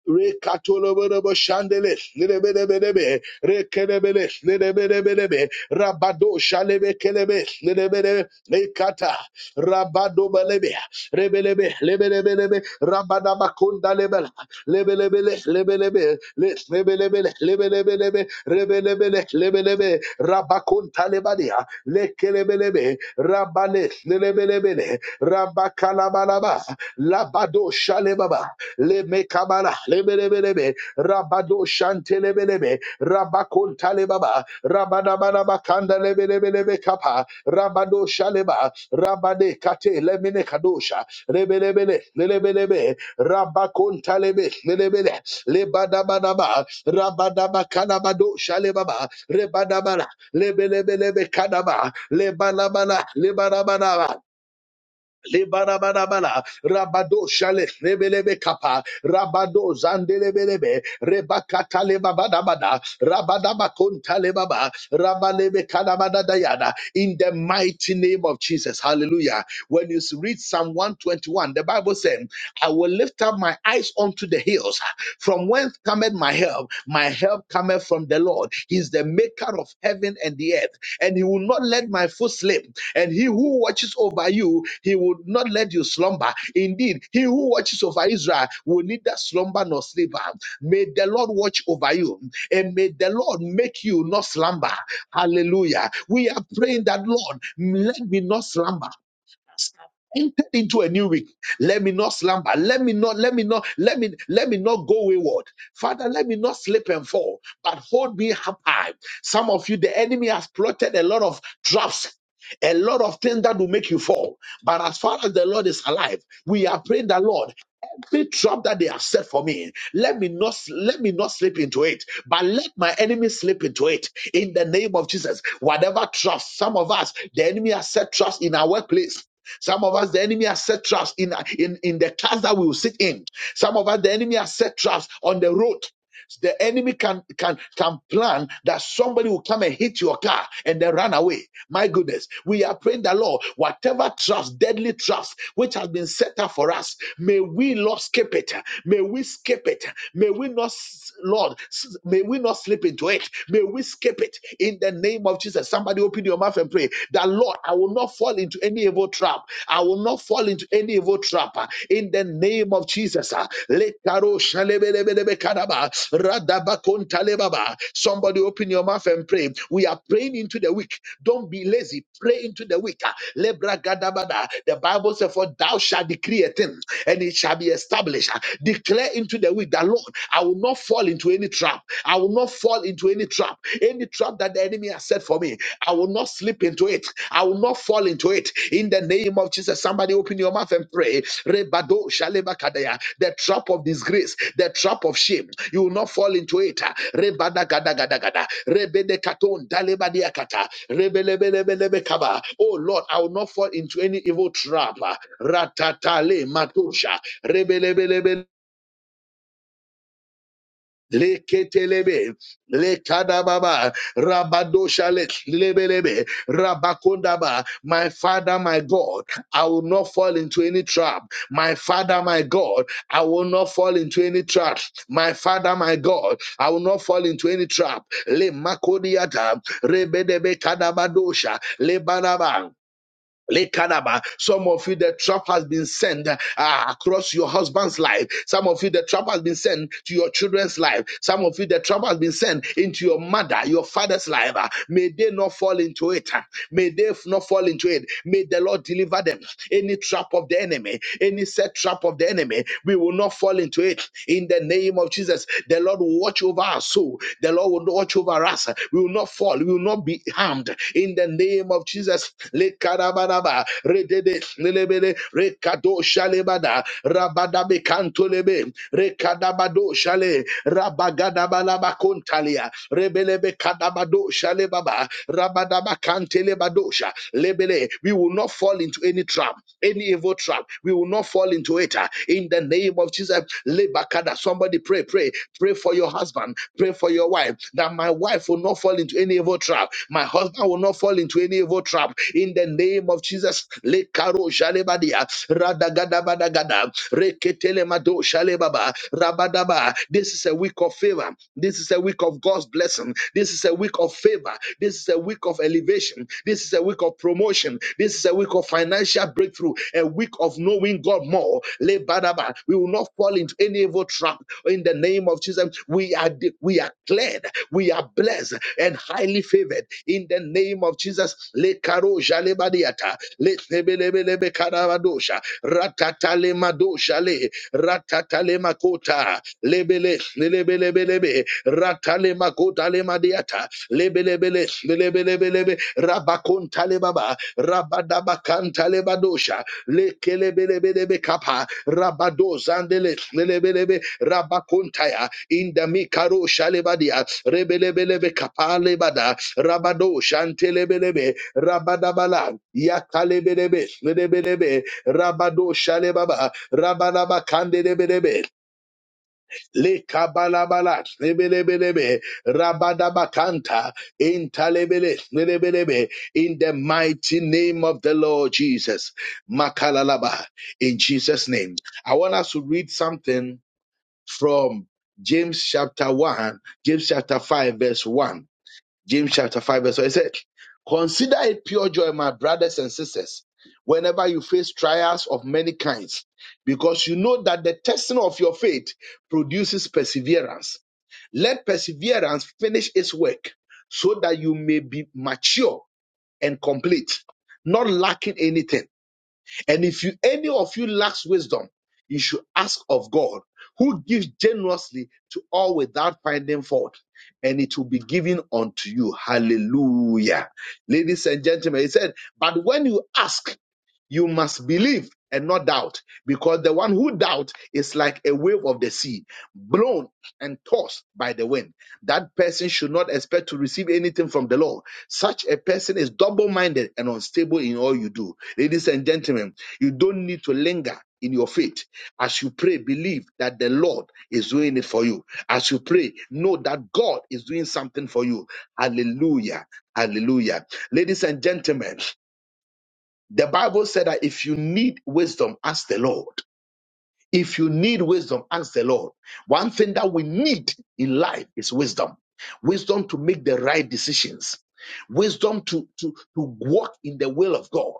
Speaker 1: Rekatolobodobo shandele, lelebelebelebe, rekelebele, lelebelebelebe, rabado shalebe kelebe, lelebelebe, lekata, rabado belebe, rebelebe, lebelebelebe, rabadabakonda lebele, lebelebele, lebelebe, lebelebele, lebelebelebe, rebelebele, lebelebe, rabakonta lebadia, lekelebelebe, rabale, lelebelebele, rabakalabalaba, labado shalebaba, leme kamara lebelebelebe rabado shantelebelebe rabakontalebaba rabadabanaba kanda lebelebelebe kapa rabado shaleba rabade kate lemine kadosha lebelebele lebelebe rabakontalebe lebele lebadabanaba rabadaba kanabado shalebaba rebadabana lebelebelebe kanaba lebanabana lebanabanaba Lebarabarabara, Rabado Shale, Rebelebe Kappa, Rabado Zandelebelebe, Rebakata Lebabadabada, Rabadabakonta Lebaba, Rabalebe Kadabada Dayada, in the mighty name of Jesus. Hallelujah. When you read Psalm 121, the Bible says, I will lift up my eyes unto the hills. From whence cometh my help? My help cometh from the Lord. He is the maker of heaven and the earth, and he will not let my foot slip. And he who watches over you, he will not let you slumber. Indeed, he who watches over Israel will neither slumber nor sleep. May the Lord watch over you, and may the Lord make you not slumber. Hallelujah. We are praying that, Lord, let me not slumber entered into a new week. Let me not slumber. Let me not, let me not, let me, let me not go wayward. Father, let me not slip and fall, but hold me up high. Some of you, the enemy has plotted a lot of traps. A lot of things that will make you fall. But as far as the Lord is alive, we are praying the Lord. Every trap that they have set for me, let me not let me not slip into it, but let my enemy slip into it in the name of Jesus. Whatever trust, some of us, the enemy has set trust in our workplace some of us, the enemy has set traps in, in, in the cars that we will sit in. Some of us, the enemy has set traps on the road. The enemy can can can plan that somebody will come and hit your car and then run away. My goodness, we are praying the Lord, whatever traps, deadly traps which has been set up for us, may we Lord skip it. May we skip it. May we not, Lord, may we not slip into it. May May we skip it in the name of Jesus. Somebody open your mouth and pray that, Lord, I will not fall into any evil trap. I will not fall into any evil trap uh, in the name of Jesus. uh. Lekaro shalebelebelebe kadaba, radabakontalebaba. Somebody open your mouth and pray. We are praying into the week. Don't be lazy. Pray into the week. uh. Lebragadabada. The Bible says, For thou shalt decree a thing and it shall be established. Uh, Declare into the week that Lord, I will not fall into any trap. I will not fall into any trap. Any trap that the enemy has set for me, I will not slip into it. I will not fall into it. In the name of Jesus, somebody open your mouth and pray. Rebado shaleba kadaya. The trap of disgrace, the trap of shame. You will not fall into it. Rebada gada gada gada. Rebede katon daleba diakata. Rebelebelebelebe kaba. Oh Lord, I will not fall into any evil trap. Ratatale matusha. Rebelebelebe leketelebe lekadababa rabadoshale lebelebe rabakondaba my father my god i will not fall into any trap my father my god i will not fall into any trap my father my god i will not fall into any trap le makodiata rebedebe kadabadosha le Lekanaba. Some of you, the trap has been sent uh, across your husband's life. Some of you, the trap has been sent to your children's life. Some of you, the trap has been sent into your mother, your father's life. Uh, May they not fall into it. Uh, May they f- not fall into it. May the Lord deliver them. Any trap of the enemy, any set trap of the enemy, we will not fall into it. In the name of Jesus, the Lord will watch over our soul. The Lord will watch over us over We will not fall. We will not be harmed. In the name of Jesus. Lekarabaraba, redede, lelebele, rekado shalebada, rabadabe kantolebe, rekadabado shale, rabagadabalaba kontalia, rebelebe kadabado shalebaba, rabadaba kantelebadosha, lebele. We will not fall into any trap, any evil trap. We will not fall into it. uh, In the name of Jesus, Lebakada. Somebody pray, pray, pray for your husband, pray for your wife, that my wife will not fall into any evil trap, my husband will not fall into any evil trap. In the name of Jesus, Lekaro Shalebadia, Radagadabadagada, Reketelemado Shalebaba, Rabadaba. This is a week of favor. This is a week of God's blessing. This is a week of favor. This is a week of elevation. This is a week of promotion. This is a week of of financial breakthrough, a week of knowing God more. Lebadaba. We will not fall into any evil trap in the name of Jesus. We are de- we are cleared, we are blessed and highly favored in the name of Jesus. Le karoja le badiata le lebelebelebe karavadosha ratata le madosha le ratata le makota lebele lebelebelebe ratale makota le madiata lebelebele lebelebelebe rabakontale baba rabadabakantale badosha lekelebelebelebe kapa rabadozandele lebelebe rabakontaya indamikaro shalebadia rebelebelebe kapa lebada rabado shantelebelebe rabadabala yakalebelebe lebelebe rabado shalebaba rabadaba Lekabalabala, lebelebelebe, rabadabakanta, intalebele, lebelebe, In the mighty name of the Lord Jesus. Makalalaba, in Jesus' name. I want us to read something from James chapter 1, James chapter 5, verse 1. James chapter 5, verse 1. It said, Consider it pure joy, my brothers and sisters, whenever you face trials of many kinds, because you know that the testing of your faith produces perseverance. Let perseverance finish its work so that you may be mature and complete, not lacking anything. And if you any of you lacks wisdom, you should ask of God, who gives generously to all without finding fault, and it will be given unto you. Hallelujah. Ladies and gentlemen, he said, but when you ask, you must believe and not doubt, because the one who doubts is like a wave of the sea, blown and tossed by the wind. That person should not expect to receive anything from the Lord. Such a person is double minded and unstable in all you do. Ladies and gentlemen, you don't need to linger in your faith. As you pray, believe that the Lord is doing it for you. As you pray, know that God is doing something for you. Hallelujah. Hallelujah. Ladies and gentlemen, the Bible said that if you need wisdom, ask the Lord. If you need wisdom, ask the Lord. One thing that we need in life is wisdom. Wisdom to make the right decisions. Wisdom to, to, to walk in the will of God.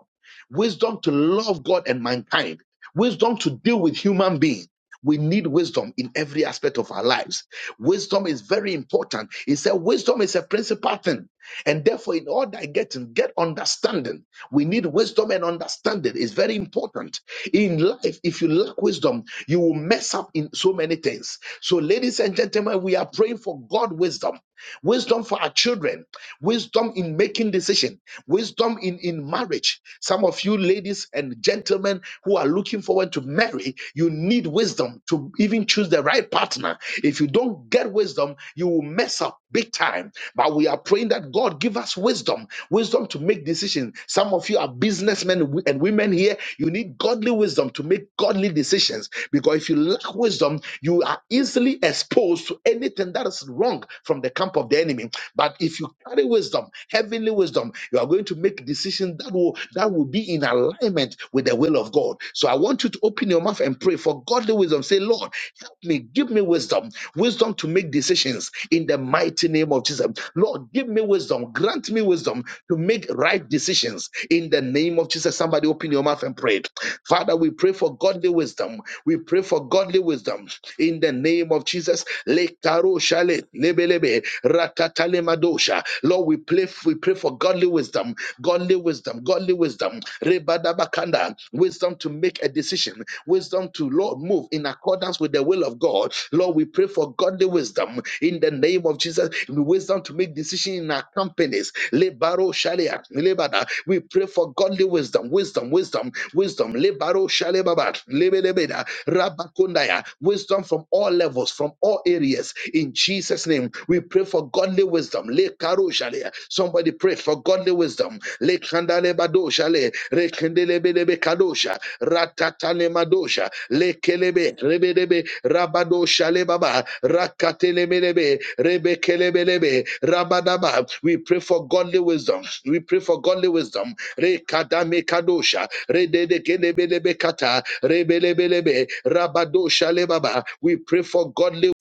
Speaker 1: Wisdom to love God and mankind. Wisdom to deal with human beings. We need wisdom in every aspect of our lives. Wisdom is very important. He said wisdom is a principal thing. And therefore, in order to get get understanding. We need wisdom and understanding. It's very important. In life, if you lack wisdom, you will mess up in so many things. So, ladies and gentlemen, we are praying for God wisdom, wisdom for our children, wisdom in making decision, wisdom in in marriage. Some of you ladies and gentlemen who are looking forward to marry, you need wisdom to even choose the right partner. If you don't get wisdom, you will mess up big time. But we are praying that God give us wisdom wisdom to make decisions. Some of you are businessmen and wo- and women here. You need godly wisdom to make godly decisions because if you lack wisdom, you are easily exposed to anything that is wrong from the camp of the enemy. But if you carry wisdom, heavenly wisdom, you are going to make decisions that will that will be in alignment with the will of God. So I want you to open your mouth and pray for godly wisdom. Say, Lord, help me, give me wisdom, wisdom to make decisions in the mighty name of Jesus. Lord, give me wisdom, grant me wisdom to make right decisions in the name of Jesus. Somebody open your mouth and prayed. Father, we pray for godly wisdom. We pray for godly wisdom in the name of Jesus. Lekaro shale, lebelebe, ratatale madosha. Lord, we pray, we pray for godly wisdom, godly wisdom, godly wisdom. Rebadabakanda, wisdom to make a decision, wisdom to Lord move in accordance with the will of God. Lord, we pray for godly wisdom in the name of Jesus. Wisdom to make decisions in our companies. Lebaro shalia, lebada. We pray for godly wisdom, wisdom, wisdom, wisdom. Lebaro shalebaba, lebelebeda, rabakundaya. Wisdom from all levels, from all areas. In Jesus' name, we pray for godly wisdom. Lekaro shalia. Somebody pray for godly wisdom. Lekandalebado shale, rekendelebelebekadosha ratatane madosha lekelebe rebedebe rabadosha lebaba rakatelemelebe rebekelebelebe rabadaba we pray for godly wisdom we pray for godly wisdom rekadame kadosha rededekelebelebe kata rebelebelebe rabadosha lebaba we pray for godly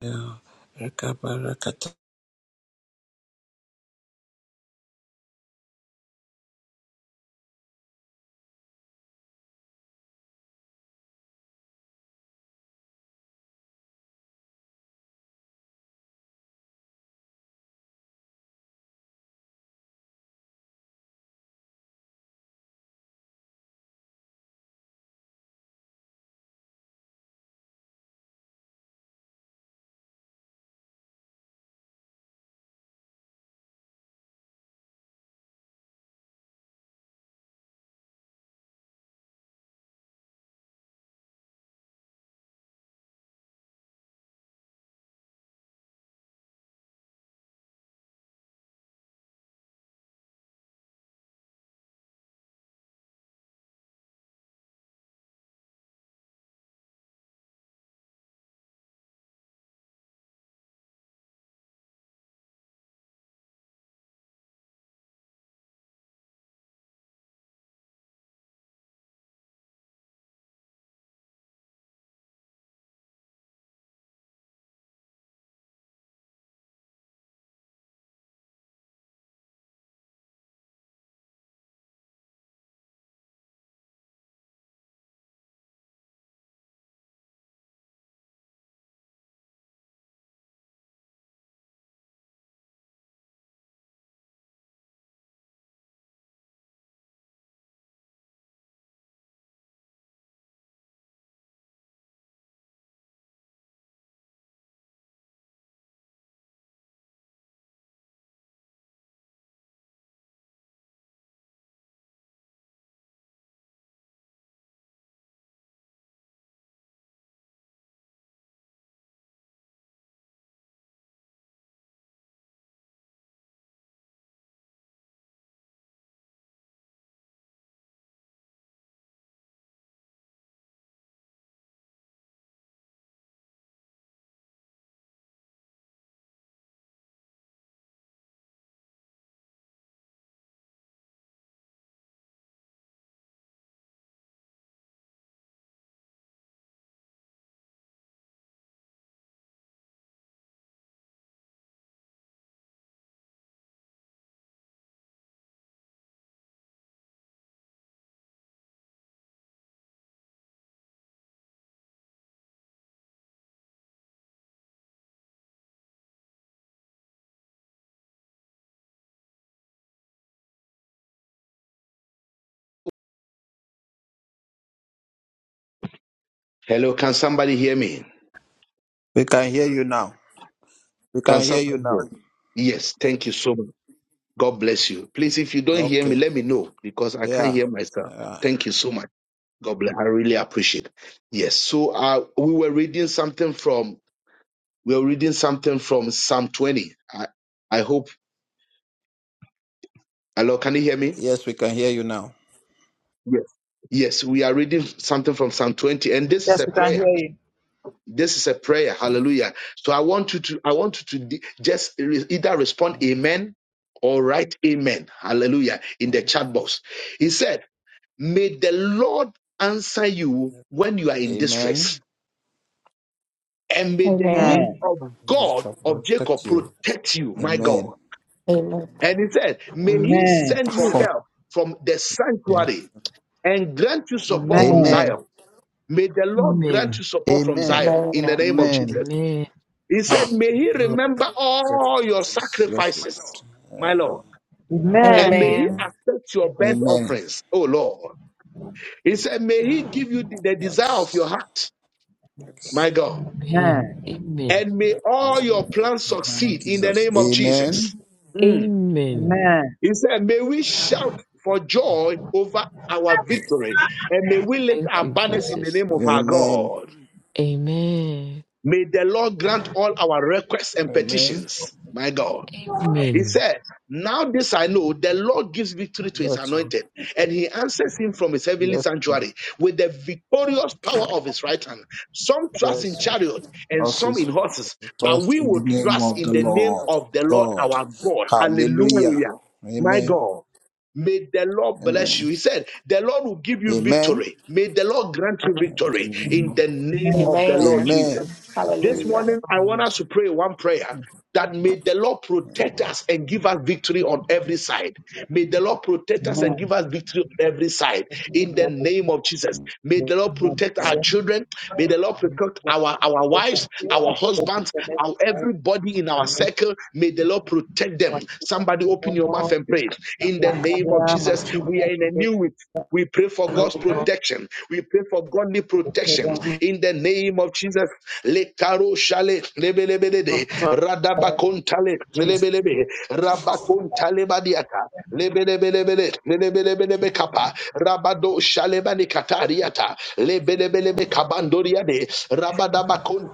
Speaker 3: We
Speaker 1: hello can somebody hear me
Speaker 3: can hear you now. We
Speaker 1: can
Speaker 3: can hear
Speaker 1: somebody
Speaker 3: you
Speaker 1: hear
Speaker 3: now.
Speaker 1: yes thank you so much god bless you please if you don't hear me
Speaker 3: Okay.
Speaker 1: let me know because i can't
Speaker 3: Yeah.
Speaker 1: hear myself
Speaker 3: Uh,
Speaker 1: thank you so much God bless. I really appreciate. Yes. So uh, we were reading something from we were reading something from Psalm 20. I, I hope. Hello, can you hear me?
Speaker 3: yes, we can hear you now.
Speaker 1: Yes. Yes, we are reading something from Psalm 20, and this is
Speaker 4: Yes,
Speaker 1: a
Speaker 4: we can
Speaker 1: prayer.
Speaker 4: hear you.
Speaker 1: This is a prayer. Hallelujah. So I want you to I want you to de- just re- either respond
Speaker 3: Mhm.
Speaker 1: amen or write amen. Hallelujah. In the chat box. He said, May the Lord answer you when you are in distress.
Speaker 3: Amen.
Speaker 1: And may the name
Speaker 5: Amen.
Speaker 4: Amen.
Speaker 1: of
Speaker 3: Please
Speaker 1: God
Speaker 3: God
Speaker 1: of Jacob
Speaker 3: protect you.
Speaker 1: protect you, my
Speaker 3: Amen.
Speaker 1: God.
Speaker 5: Amen.
Speaker 1: And he said, May he
Speaker 4: Amen.
Speaker 1: send you
Speaker 3: Okay.
Speaker 1: help from the sanctuary and grant you support from
Speaker 4: Amen.
Speaker 3: Amen.
Speaker 1: Zion. May the Lord grant
Speaker 6: Amen.
Speaker 1: you support from
Speaker 3: Amen.
Speaker 1: Zion in the
Speaker 5: Amen.
Speaker 1: name of
Speaker 3: Amen.
Speaker 1: Jesus.
Speaker 6: Amen.
Speaker 1: He said, May he
Speaker 3: Lord,
Speaker 1: remember all your
Speaker 3: sacrifices. Yes, Lord.
Speaker 1: sacrifices,
Speaker 3: Uh,
Speaker 1: my Lord. And may
Speaker 4: Amen.
Speaker 1: he
Speaker 5: Amen.
Speaker 1: accept your burnt
Speaker 3: amen.
Speaker 1: offerings, oh Lord. He said, May he give you the the desire
Speaker 3: Yes.
Speaker 1: of your heart,
Speaker 3: Yes.
Speaker 1: my God.
Speaker 6: Amen.
Speaker 4: Amen.
Speaker 6: Amen.
Speaker 1: and may
Speaker 3: Uh,
Speaker 1: all your plans
Speaker 3: In the name of
Speaker 1: succeed in the
Speaker 3: Jesus.
Speaker 1: name of Jesus.
Speaker 3: Amen.
Speaker 1: Mm.
Speaker 6: Amen.
Speaker 4: Amen.
Speaker 1: He said, May we shout for joy over our victory, and may we lift
Speaker 6: Thank
Speaker 1: our
Speaker 6: you,
Speaker 1: banners in the
Speaker 6: Jesus.
Speaker 1: name of our
Speaker 3: Amen.
Speaker 1: God.
Speaker 6: Amen.
Speaker 1: May the Lord grant all our requests and
Speaker 3: Amen.
Speaker 1: petitions, my God. He
Speaker 6: Amen.
Speaker 1: said, Now this I know, the Lord gives victory to his
Speaker 3: Yes, sir.
Speaker 1: anointed, and he answers him from his heavenly
Speaker 3: Yes, sir.
Speaker 1: sanctuary with the victorious power of his right hand. Some trust
Speaker 3: Yes,
Speaker 1: in
Speaker 3: sir.
Speaker 1: chariots and
Speaker 3: Us
Speaker 1: some
Speaker 3: is
Speaker 1: in horses, but
Speaker 3: first
Speaker 1: we
Speaker 3: in the
Speaker 1: will
Speaker 3: name
Speaker 1: trust
Speaker 3: of the
Speaker 1: in the name
Speaker 3: Lord
Speaker 1: of the Lord
Speaker 3: God.
Speaker 1: our God.
Speaker 3: Hallelujah.
Speaker 1: Hallelujah. My
Speaker 3: Amen.
Speaker 1: God. May the Lord bless you.
Speaker 3: Amen.
Speaker 1: He said, The Lord will give you
Speaker 3: Amen.
Speaker 1: victory. May the Lord grant you victory in the name of the Lord
Speaker 5: Amen.
Speaker 1: Jesus.
Speaker 3: Amen.
Speaker 1: This
Speaker 5: Hallelujah.
Speaker 1: morning, I want us to pray one prayer
Speaker 3: Hallelujah.
Speaker 1: that may the Lord protect us and give us victory on every side. May the Lord protect us and give
Speaker 4: Amen.
Speaker 1: us victory on every side in the name of Jesus. May the Lord protect our children. May the Lord protect our, our wives, our husbands, our everybody in our
Speaker 4: Amen.
Speaker 1: circle. May the Lord protect them. Somebody open your mouth and pray. In the name of
Speaker 4: My
Speaker 1: Jesus, we are
Speaker 4: children,
Speaker 1: in a new week. We pray for God's protection. We pray for godly
Speaker 4: they
Speaker 1: protection
Speaker 4: don't give
Speaker 1: in the name of Jesus. Lekaro shale lebelebelede
Speaker 4: to
Speaker 1: radabakontale
Speaker 4: Jesus.
Speaker 1: lebelebe rabakontale badiata lebelebelebele lebelebelebe kapa rabado shale bani katariata lebelebelebe kabandoriade Zon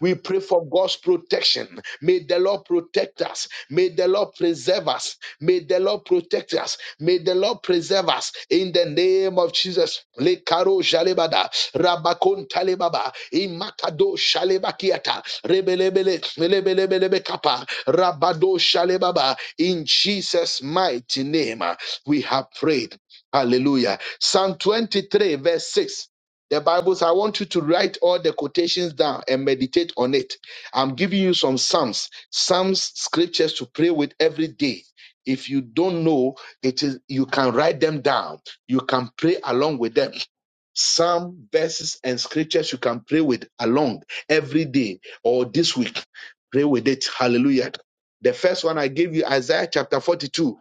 Speaker 1: We pray for God's protection. May the Lord protect us. May the Lord preserve us. May the Lord protect us. May the Lord preserve us in the name of Jesus. Le Karo Jalebada, Rabakon Talebaba, Imakado Shalebakiata, Rebelebele, Melebelebelebe Kappa, Rabado Shalebaba. In Jesus' mighty name, uh, we have prayed. Hallelujah. Psalm 23, verse 6. The Bible says, I want you to write all the quotations down and meditate on it. I'm giving you some Psalms, Psalms scriptures to pray with every day. If you don't know, it is you can write them down. You can pray along with them. Psalm verses and scriptures you can pray with along every day or this week. Pray with it. Hallelujah. The first one I gave you, Isaiah chapter 42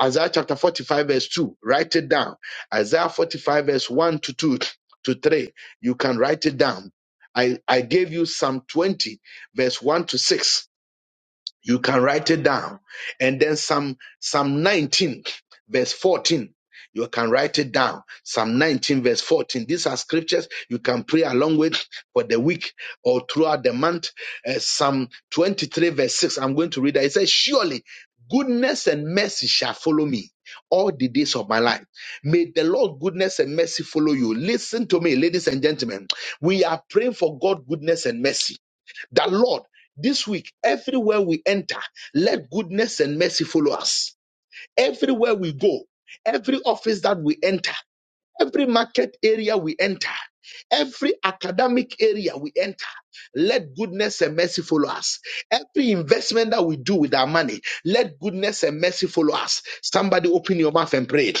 Speaker 1: Isaiah chapter 45, verse 2. Write it down. Isaiah 45, verse 1 to 2 to 3. You can write it down. I, I gave you Psalm 20, verse 1 to 6. You can write it down. And then Psalm, Psalm 19, verse 14. You can write it down. Psalm 19, verse 14. These are scriptures you can pray along with for the week or throughout the month. Uh, Psalm 23, verse 6. I'm going to read that. It says, Surely goodness and mercy shall follow me all the days of my life. May the Lord goodness and mercy follow you. Listen to me, ladies and gentlemen. We are praying for God goodness and mercy. That Lord, this week, everywhere we enter, let goodness and mercy follow us. Everywhere we go, every office that we enter, every market area we enter, every academic area we enter, let goodness and mercy follow us. Every investment that we do with our money, let goodness and mercy follow us. Somebody open your mouth and pray.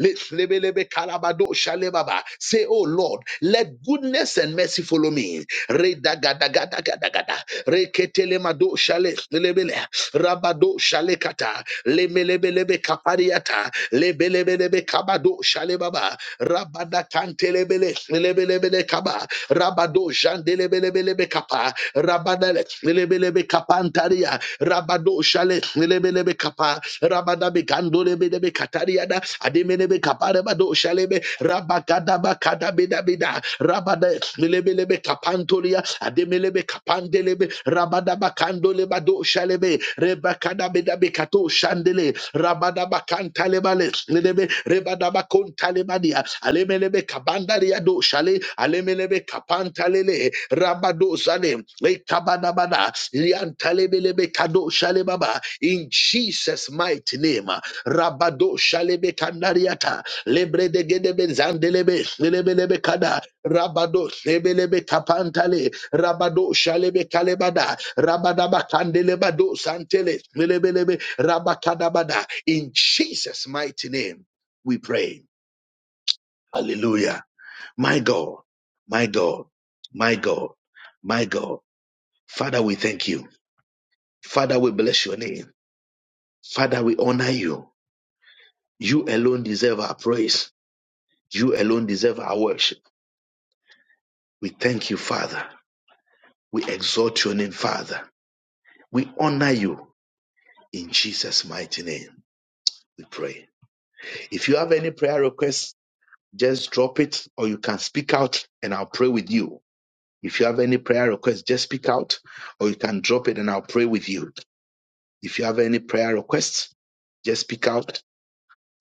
Speaker 1: Litlebelebe kalabado shalebaba. Say, Oh Lord, let goodness and mercy follow me. Redagadagadagada. Reketelemado shale- lebele. Rabado shalekata. Lemelebelebe kapariata. Lebelebelebe kabado shalebaba. Rabada kantelebele. Lebelebele kaba. Rabado jandelebelebelebe kapa. Rabadale. Lebelebe kapantaria. Rabado shale. Lebelebe kapa. Rabada be katariada ademenebe kapareba do shalebe rabagada bakada beda beda rabada melebelebe kapantoria ademelebe kapandelebe rabada bakandole bado shalebe rebakada beda bekato shandele rabada bakantalebale lebe rebada bakontalebadia alemelebe kabandaria do shale alemelebe kapantalele rabado zale le kabada bada liantalebelebe kado shale baba in Jesus mighty name Rabado Shalebe Kanariata, Lebre de Gedebe Zandelebe, Lebelebe Kada, Rabado Sebelebe Kapantale, Rabado Shalebe Kalebada, Rabadaba Kandelebado Santele, Lebelebe Rabakadabada. In Jesus' mighty name, we pray. Hallelujah. My God, my God, my God, my God. Father, we thank you. Father, we bless your name. Father, we honor you. You alone deserve our praise. You alone deserve our worship. We thank you, Father. We exalt your name, Father. We honor you in Jesus' mighty name. We pray. If you have any prayer requests, just drop it or you can speak out and I'll pray with you. If you have any prayer requests, just speak out or you can drop it and I'll pray with you. If you have any prayer requests, just speak out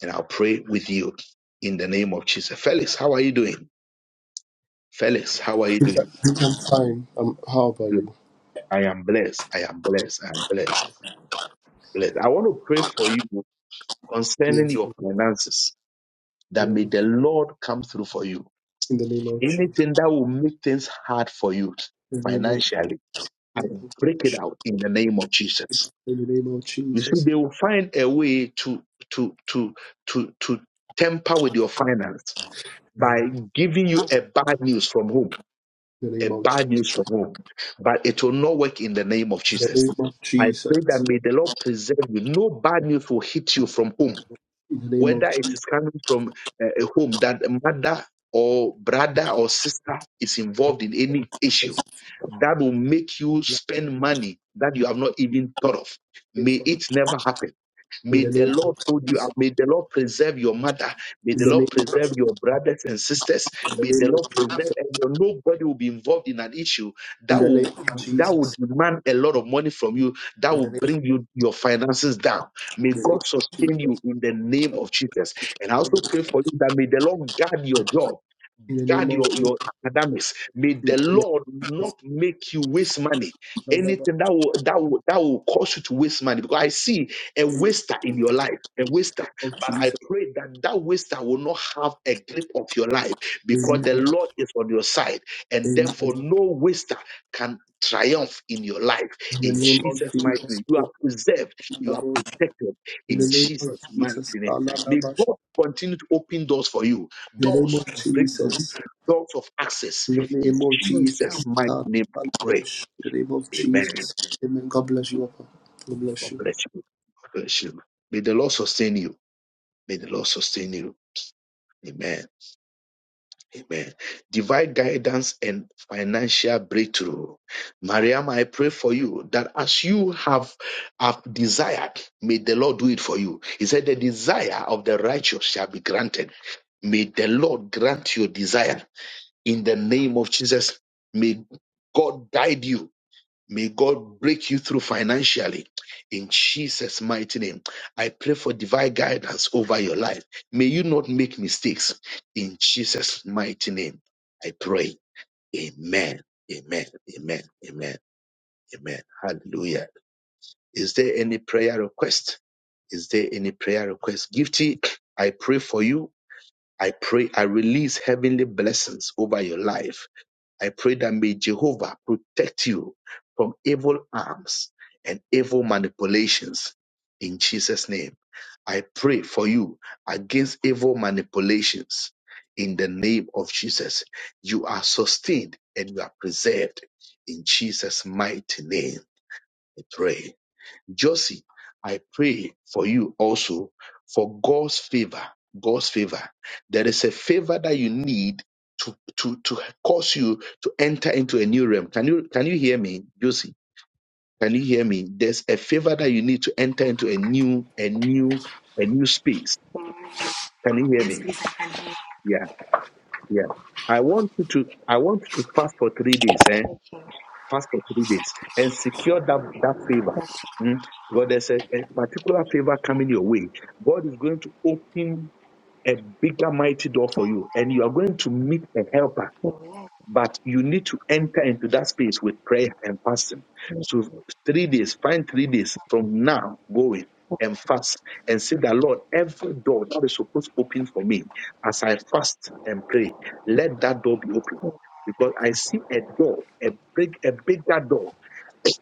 Speaker 1: and I'll pray with you in the name of Jesus. Felix, how are you doing? Felix, how are you
Speaker 7: Think I
Speaker 1: doing?
Speaker 7: think I'm fine. Um, how about
Speaker 1: Good.
Speaker 7: you?
Speaker 1: I am blessed. I am blessed. I am blessed. Let- I want to pray for you concerning
Speaker 7: Yes,
Speaker 1: your finances. That may
Speaker 7: amen.
Speaker 1: the Lord come through for you.
Speaker 7: In the name of Jesus.
Speaker 1: Anything that will make things hard for you
Speaker 7: In the name of
Speaker 1: financially, I
Speaker 7: Jesus.
Speaker 1: will break it out in the name of Jesus.
Speaker 7: In the name of
Speaker 1: You see,
Speaker 7: Jesus.
Speaker 1: they will find a way to to to to to temper with your finance by
Speaker 7: Mm.
Speaker 1: giving you a bad news from home,
Speaker 7: In the
Speaker 1: a
Speaker 7: name of
Speaker 1: bad
Speaker 7: Jesus.
Speaker 1: news from home. But it will not work in the name of
Speaker 7: In the
Speaker 1: Jesus.
Speaker 7: name of
Speaker 1: I
Speaker 7: Jesus.
Speaker 1: pray that may the Lord preserve you. No bad news will hit you from home
Speaker 7: In the name of
Speaker 1: whether it
Speaker 7: Jesus.
Speaker 1: is coming from uh, a home that a mother or brother or sister is
Speaker 7: Yes.
Speaker 1: involved in any issue that will make you spend money that
Speaker 7: In
Speaker 1: you
Speaker 7: the
Speaker 1: have not even thought of.
Speaker 7: name of
Speaker 1: May it never happen.
Speaker 7: Jesus. In
Speaker 1: May
Speaker 7: the
Speaker 1: the
Speaker 7: name of
Speaker 1: Lord hold you
Speaker 7: Jesus.
Speaker 1: up. May the Lord preserve your mother.
Speaker 7: In the name of Jesus.
Speaker 1: May
Speaker 7: In the
Speaker 1: the
Speaker 7: name
Speaker 1: Lord
Speaker 7: of
Speaker 1: preserve your brothers and sisters. May the Lord preserve and your- nobody will be involved in an issue that will that
Speaker 7: Jesus.
Speaker 1: will demand a lot of money from you. That
Speaker 7: In the
Speaker 1: will
Speaker 7: name,
Speaker 1: bring you your finances down May
Speaker 7: in the name
Speaker 1: God
Speaker 7: of
Speaker 1: sustain
Speaker 7: Jesus.
Speaker 1: you in the name of Jesus. And I
Speaker 7: In
Speaker 1: also
Speaker 7: the name
Speaker 1: pray
Speaker 7: of
Speaker 1: for you that may the Lord guard your job
Speaker 7: Jesus. In the name
Speaker 1: guard
Speaker 7: of
Speaker 1: your, your
Speaker 7: Jesus.
Speaker 1: academics. May
Speaker 7: In the name of Jesus.
Speaker 1: the
Speaker 7: In
Speaker 1: Lord not make you waste money. Anything that will that will that will cause you to waste money. Because I see a
Speaker 7: the name
Speaker 1: waster in your life, a waster.
Speaker 7: of
Speaker 1: But I
Speaker 7: Jesus.
Speaker 1: pray that that waster will not have a grip of your life because the
Speaker 7: Amen.
Speaker 1: Lord is on your side, and
Speaker 7: Amen.
Speaker 1: therefore no waster can triumph in your life.
Speaker 7: In the
Speaker 1: In
Speaker 7: name of
Speaker 1: Jesus' mighty
Speaker 7: Jesus,
Speaker 1: name, you
Speaker 7: give
Speaker 1: are preserved,
Speaker 7: them the
Speaker 1: you are
Speaker 7: vote.
Speaker 1: protected.
Speaker 7: in the
Speaker 1: In
Speaker 7: name of
Speaker 1: Jesus' mighty
Speaker 7: Jesus,
Speaker 1: name,
Speaker 7: Allah the
Speaker 1: may
Speaker 7: Bash.
Speaker 1: God continue to open doors for you
Speaker 7: in the name
Speaker 1: doors
Speaker 7: of
Speaker 1: of breakthrough,
Speaker 7: Jesus,
Speaker 1: doors of access.
Speaker 7: in the
Speaker 1: In
Speaker 7: name of
Speaker 1: Jesus'
Speaker 7: Jesus,
Speaker 1: mighty
Speaker 7: Allah
Speaker 1: name, I
Speaker 7: the
Speaker 1: pray.
Speaker 7: Bash. in the name of
Speaker 1: Amen.
Speaker 7: Jesus. Amen. God bless you, Papa. God bless
Speaker 1: God
Speaker 7: you.
Speaker 1: bless you. God bless you. May the Lord sustain you. May the Lord sustain you. Amen. Amen. Divine guidance and financial breakthrough. Mariam, I pray for you that as you have, have desired, may the Lord do it for you. He said, The desire of the righteous shall be granted. May the Lord grant your desire in the name of Jesus. May God guide you May God break you through financially in Jesus' mighty name. I pray for divine guidance over your life. May you not make mistakes in Jesus' mighty name. I pray. Amen. Amen. Amen. Amen. Amen. Hallelujah. Is there any prayer request? Is there any prayer request? Gifty, I pray for you. I pray I release heavenly blessings over your life I pray that may Jehovah protect you from evil arms and evil manipulations. In Jesus' name, I pray for you against evil manipulations. In the name of Jesus, you are sustained and you are preserved. In Jesus' mighty name, I pray. Josie, I pray for you also for God's favor. God's favor. There is a favor that you need to, to, to cause you to enter into a new realm. Can you can you hear me, Josie? Can you hear me? There's a favor that you need to enter into a new, a new, a new space. Can you hear
Speaker 8: Yes,
Speaker 1: me?
Speaker 8: please, I can hear
Speaker 1: Yeah, yeah. I want you to I want you to fast for three days, eh?
Speaker 8: you.
Speaker 1: fast for three days and secure that, that favor. Mm. Because there's a, a particular favor coming your way. God is going to open a bigger, mighty door for you, and you are going to meet a helper
Speaker 8: Amen.
Speaker 1: but you need to enter into that space with prayer and fasting. So three days, find three days from now going and fast and say that Lord, every door that is supposed to open for me as I fast and pray, let that door be open. Because I see a door, a big, a bigger door,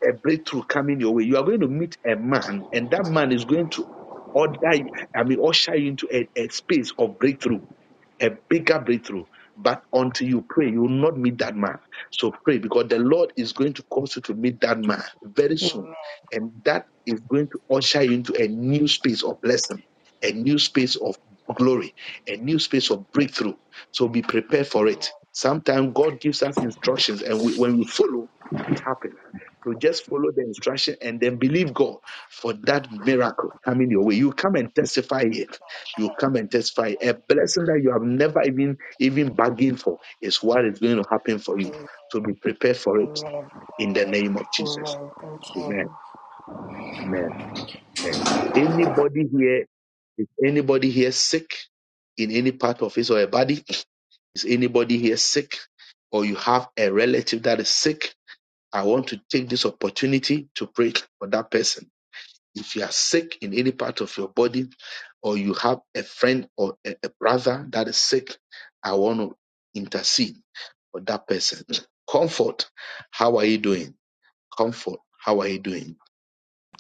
Speaker 1: a breakthrough coming your way. You are going to meet a man, and that man is going to order you, I mean, usher you into a, a space of breakthrough a bigger breakthrough. But until you pray, you will not meet that man. So pray because the Lord is going to cause you to meet that man very soon.
Speaker 8: Amen.
Speaker 1: And that is going to usher you into a new space of blessing, a new space of glory, a new space of breakthrough. So be prepared for it.
Speaker 8: Amen.
Speaker 1: Sometimes God gives us instructions, and we, when we follow, it happens. So just follow the instruction and then believe God for that miracle coming your way. You come and testify here you come and testify. A blessing that you have never even even bargained for is what is going to happen for you. So be prepared for it
Speaker 8: Amen. Amen.
Speaker 1: in the name of Jesus.
Speaker 8: Amen. Thank you.
Speaker 1: Amen. Amen. Amen. Anybody here, is anybody here sick in any part of his or her body? Is anybody here sick? Or you have a relative that is sick? I want to take this opportunity to pray for that person If you are sick in any part of your body, or you have a friend or a, a brother that is sick, I want to intercede for that person. Comfort, how are you doing? Comfort, how are you doing?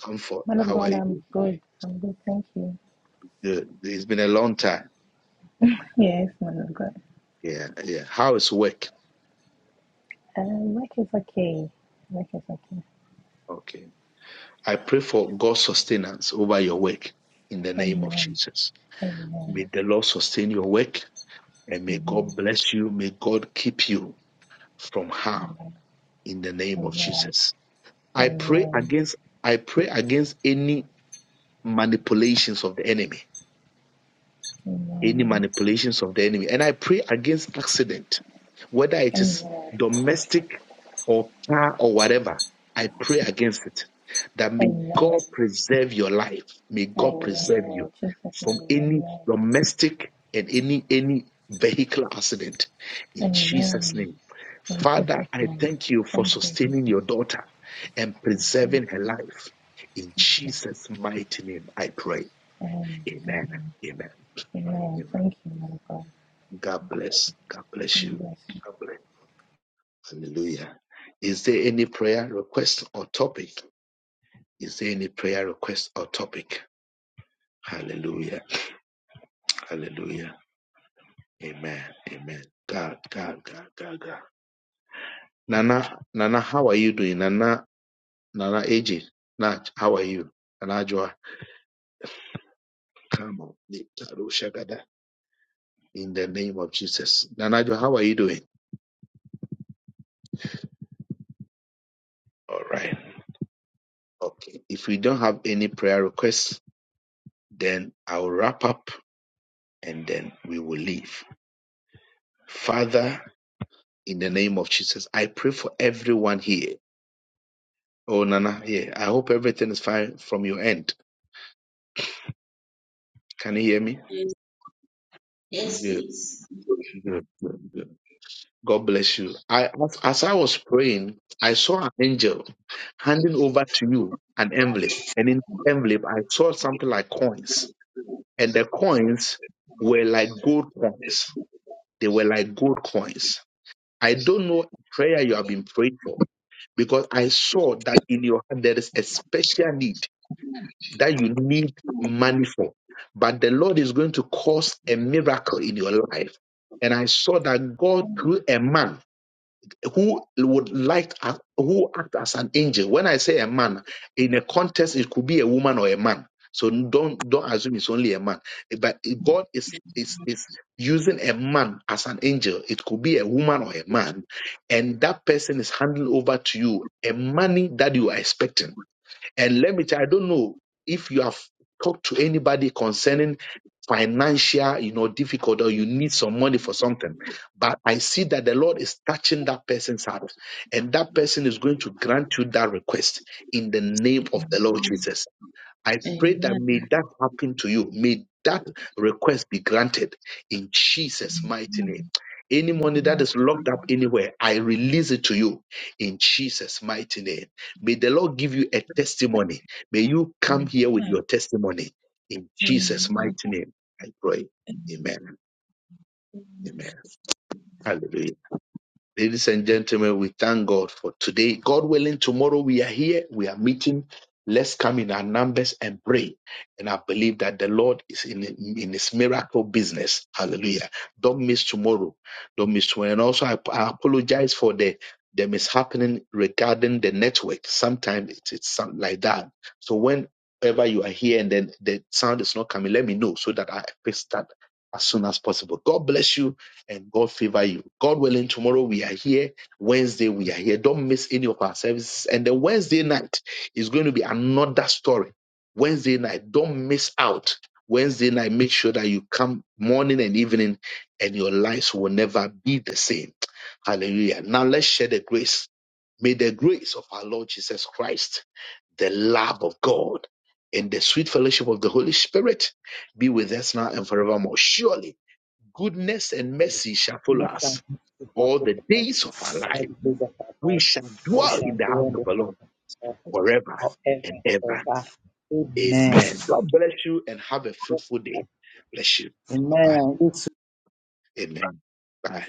Speaker 1: Comfort,
Speaker 9: Man of
Speaker 1: how are
Speaker 9: God,
Speaker 1: you
Speaker 9: I'm
Speaker 1: doing?
Speaker 9: good. I'm good, thank you.
Speaker 1: Good. It's been a long time.
Speaker 9: Yes, man of God.
Speaker 1: Yeah, yeah. How is work?
Speaker 9: Uh, work is okay. Work is okay.
Speaker 1: Okay. I pray for God's sustenance over your work in the name of
Speaker 9: Amen.
Speaker 1: Jesus. May
Speaker 9: Amen.
Speaker 1: the Lord sustain your work and may
Speaker 9: Amen.
Speaker 1: God bless you. May God keep you from harm
Speaker 9: Amen.
Speaker 1: in the name of
Speaker 9: Amen. Amen.
Speaker 1: Jesus. I pray
Speaker 9: Amen.
Speaker 1: against I pray against any manipulations of the enemy any manipulations of the enemy. And I pray against accident, whether it is domestic or car or whatever. I pray against it. That may
Speaker 9: Amen.
Speaker 1: God preserve your life. May
Speaker 9: Amen.
Speaker 1: God preserve you
Speaker 9: Amen. Jesus
Speaker 1: from
Speaker 9: name.
Speaker 1: any
Speaker 9: Amen.
Speaker 1: domestic and any any vehicular accident. In Jesus'
Speaker 9: Amen.
Speaker 1: name.
Speaker 9: In
Speaker 1: Father,
Speaker 9: Jesus
Speaker 1: I
Speaker 9: name.
Speaker 1: thank you for
Speaker 9: Thank you, Jesus.
Speaker 1: sustaining your daughter and preserving her life. In Jesus' mighty name, I pray.
Speaker 9: Amen.
Speaker 1: Amen. Amen.
Speaker 9: Amen.
Speaker 1: Amen.
Speaker 9: Thank you, man of God.
Speaker 1: God bless. God bless
Speaker 9: God
Speaker 1: you.
Speaker 9: bless you.
Speaker 1: God bless. Hallelujah. Is there any prayer request or topic? Is there any prayer request or topic? Hallelujah. Hallelujah. Amen. Amen. God, God, God, God, God. Nana, Nana, how are you doing? Nana, Nana, AJ, Nat, how are you? Nana Joa, come on. Nitaro Shagada. In the name of Jesus. Nana Joa, how are you doing? All right. Okay. If we don't have any prayer requests, then I'll wrap up and then we will leave. Father, in the name of Jesus, I pray for everyone here. Oh, Nana, yeah, I hope everything is fine from your end. Can you hear me?
Speaker 10: Yes, yes,
Speaker 1: Good,
Speaker 10: please.
Speaker 1: good, good, good. God bless you. I, as, as I was praying, I saw an angel handing over to you an envelope, and in the envelope, I saw something like coins, and the coins were like gold coins. They were like gold coins. I don't know prayer you have been praying for because I saw that in your heart there is a special need that you need money for. But the Lord is going to cause a miracle in your life. And I saw that God, through a man, who would like to who act as an angel. When I say a man, in a context, it could be a woman or a man. So don't don't assume it's only a man. But God is is is using a man as an angel. It could be a woman or a man, and that person is handing over to you a money that you are expecting. And let me tell you, I don't know if you have talked to anybody concerning financial, you know, difficult or you need some money for something. But I see that the Lord is touching that person's heart. And that person is going to grant you that request in the name of the Lord Jesus. I pray that
Speaker 10: Amen.
Speaker 1: may that happen to you. May that request be granted in Jesus' mighty name.
Speaker 10: Amen.
Speaker 1: Any money that is locked up anywhere, I release it to you in Jesus' mighty name. May the Lord give you a testimony. May you come here with your
Speaker 10: Amen.
Speaker 1: testimony in Jesus'
Speaker 10: Amen.
Speaker 1: mighty name. I pray.
Speaker 10: Amen.
Speaker 1: Amen. Amen. Hallelujah. Ladies and gentlemen, we thank God for today. God willing, tomorrow we are here. We are meeting. Let's come in our numbers and pray. And I believe that the Lord is in, in his miracle business. Hallelujah. Don't miss tomorrow. Don't miss tomorrow. And also, I, I apologize for the, the mishappening regarding the network. Sometimes it's, it's some, like that. So whenever you are here and then the sound is not coming, let me know so that I fix that as soon as possible. God bless you and God favor you. God willing, tomorrow we are here. Wednesday we are here. Don't miss any of our services. And then Wednesday night is going to be another story. Wednesday night, don't miss out. Wednesday night, make sure that you come morning and evening, and your lives will never be the same. Hallelujah. Now let's share the grace. May the grace of our Lord Jesus Christ, the love of God, and the sweet fellowship of the Holy Spirit be with us now and forevermore. Surely goodness and mercy shall follow
Speaker 4: Next time,
Speaker 1: us
Speaker 4: we talk
Speaker 1: all
Speaker 4: to
Speaker 1: the
Speaker 4: the
Speaker 1: days of our
Speaker 4: all
Speaker 1: life.
Speaker 4: the days of our
Speaker 1: We
Speaker 4: life,
Speaker 1: shall
Speaker 4: and we
Speaker 1: dwell
Speaker 4: shall
Speaker 1: in the
Speaker 4: go
Speaker 1: house
Speaker 4: on
Speaker 1: of
Speaker 4: the
Speaker 1: the
Speaker 4: path
Speaker 1: Lord
Speaker 4: of
Speaker 1: forever
Speaker 4: God
Speaker 1: and
Speaker 4: forever
Speaker 1: ever.
Speaker 4: and ever.
Speaker 1: Amen. God bless you and have a fruitful
Speaker 4: Amen.
Speaker 1: day. Bless you. Bye bye.
Speaker 4: Amen. It's
Speaker 1: Amen. Bye.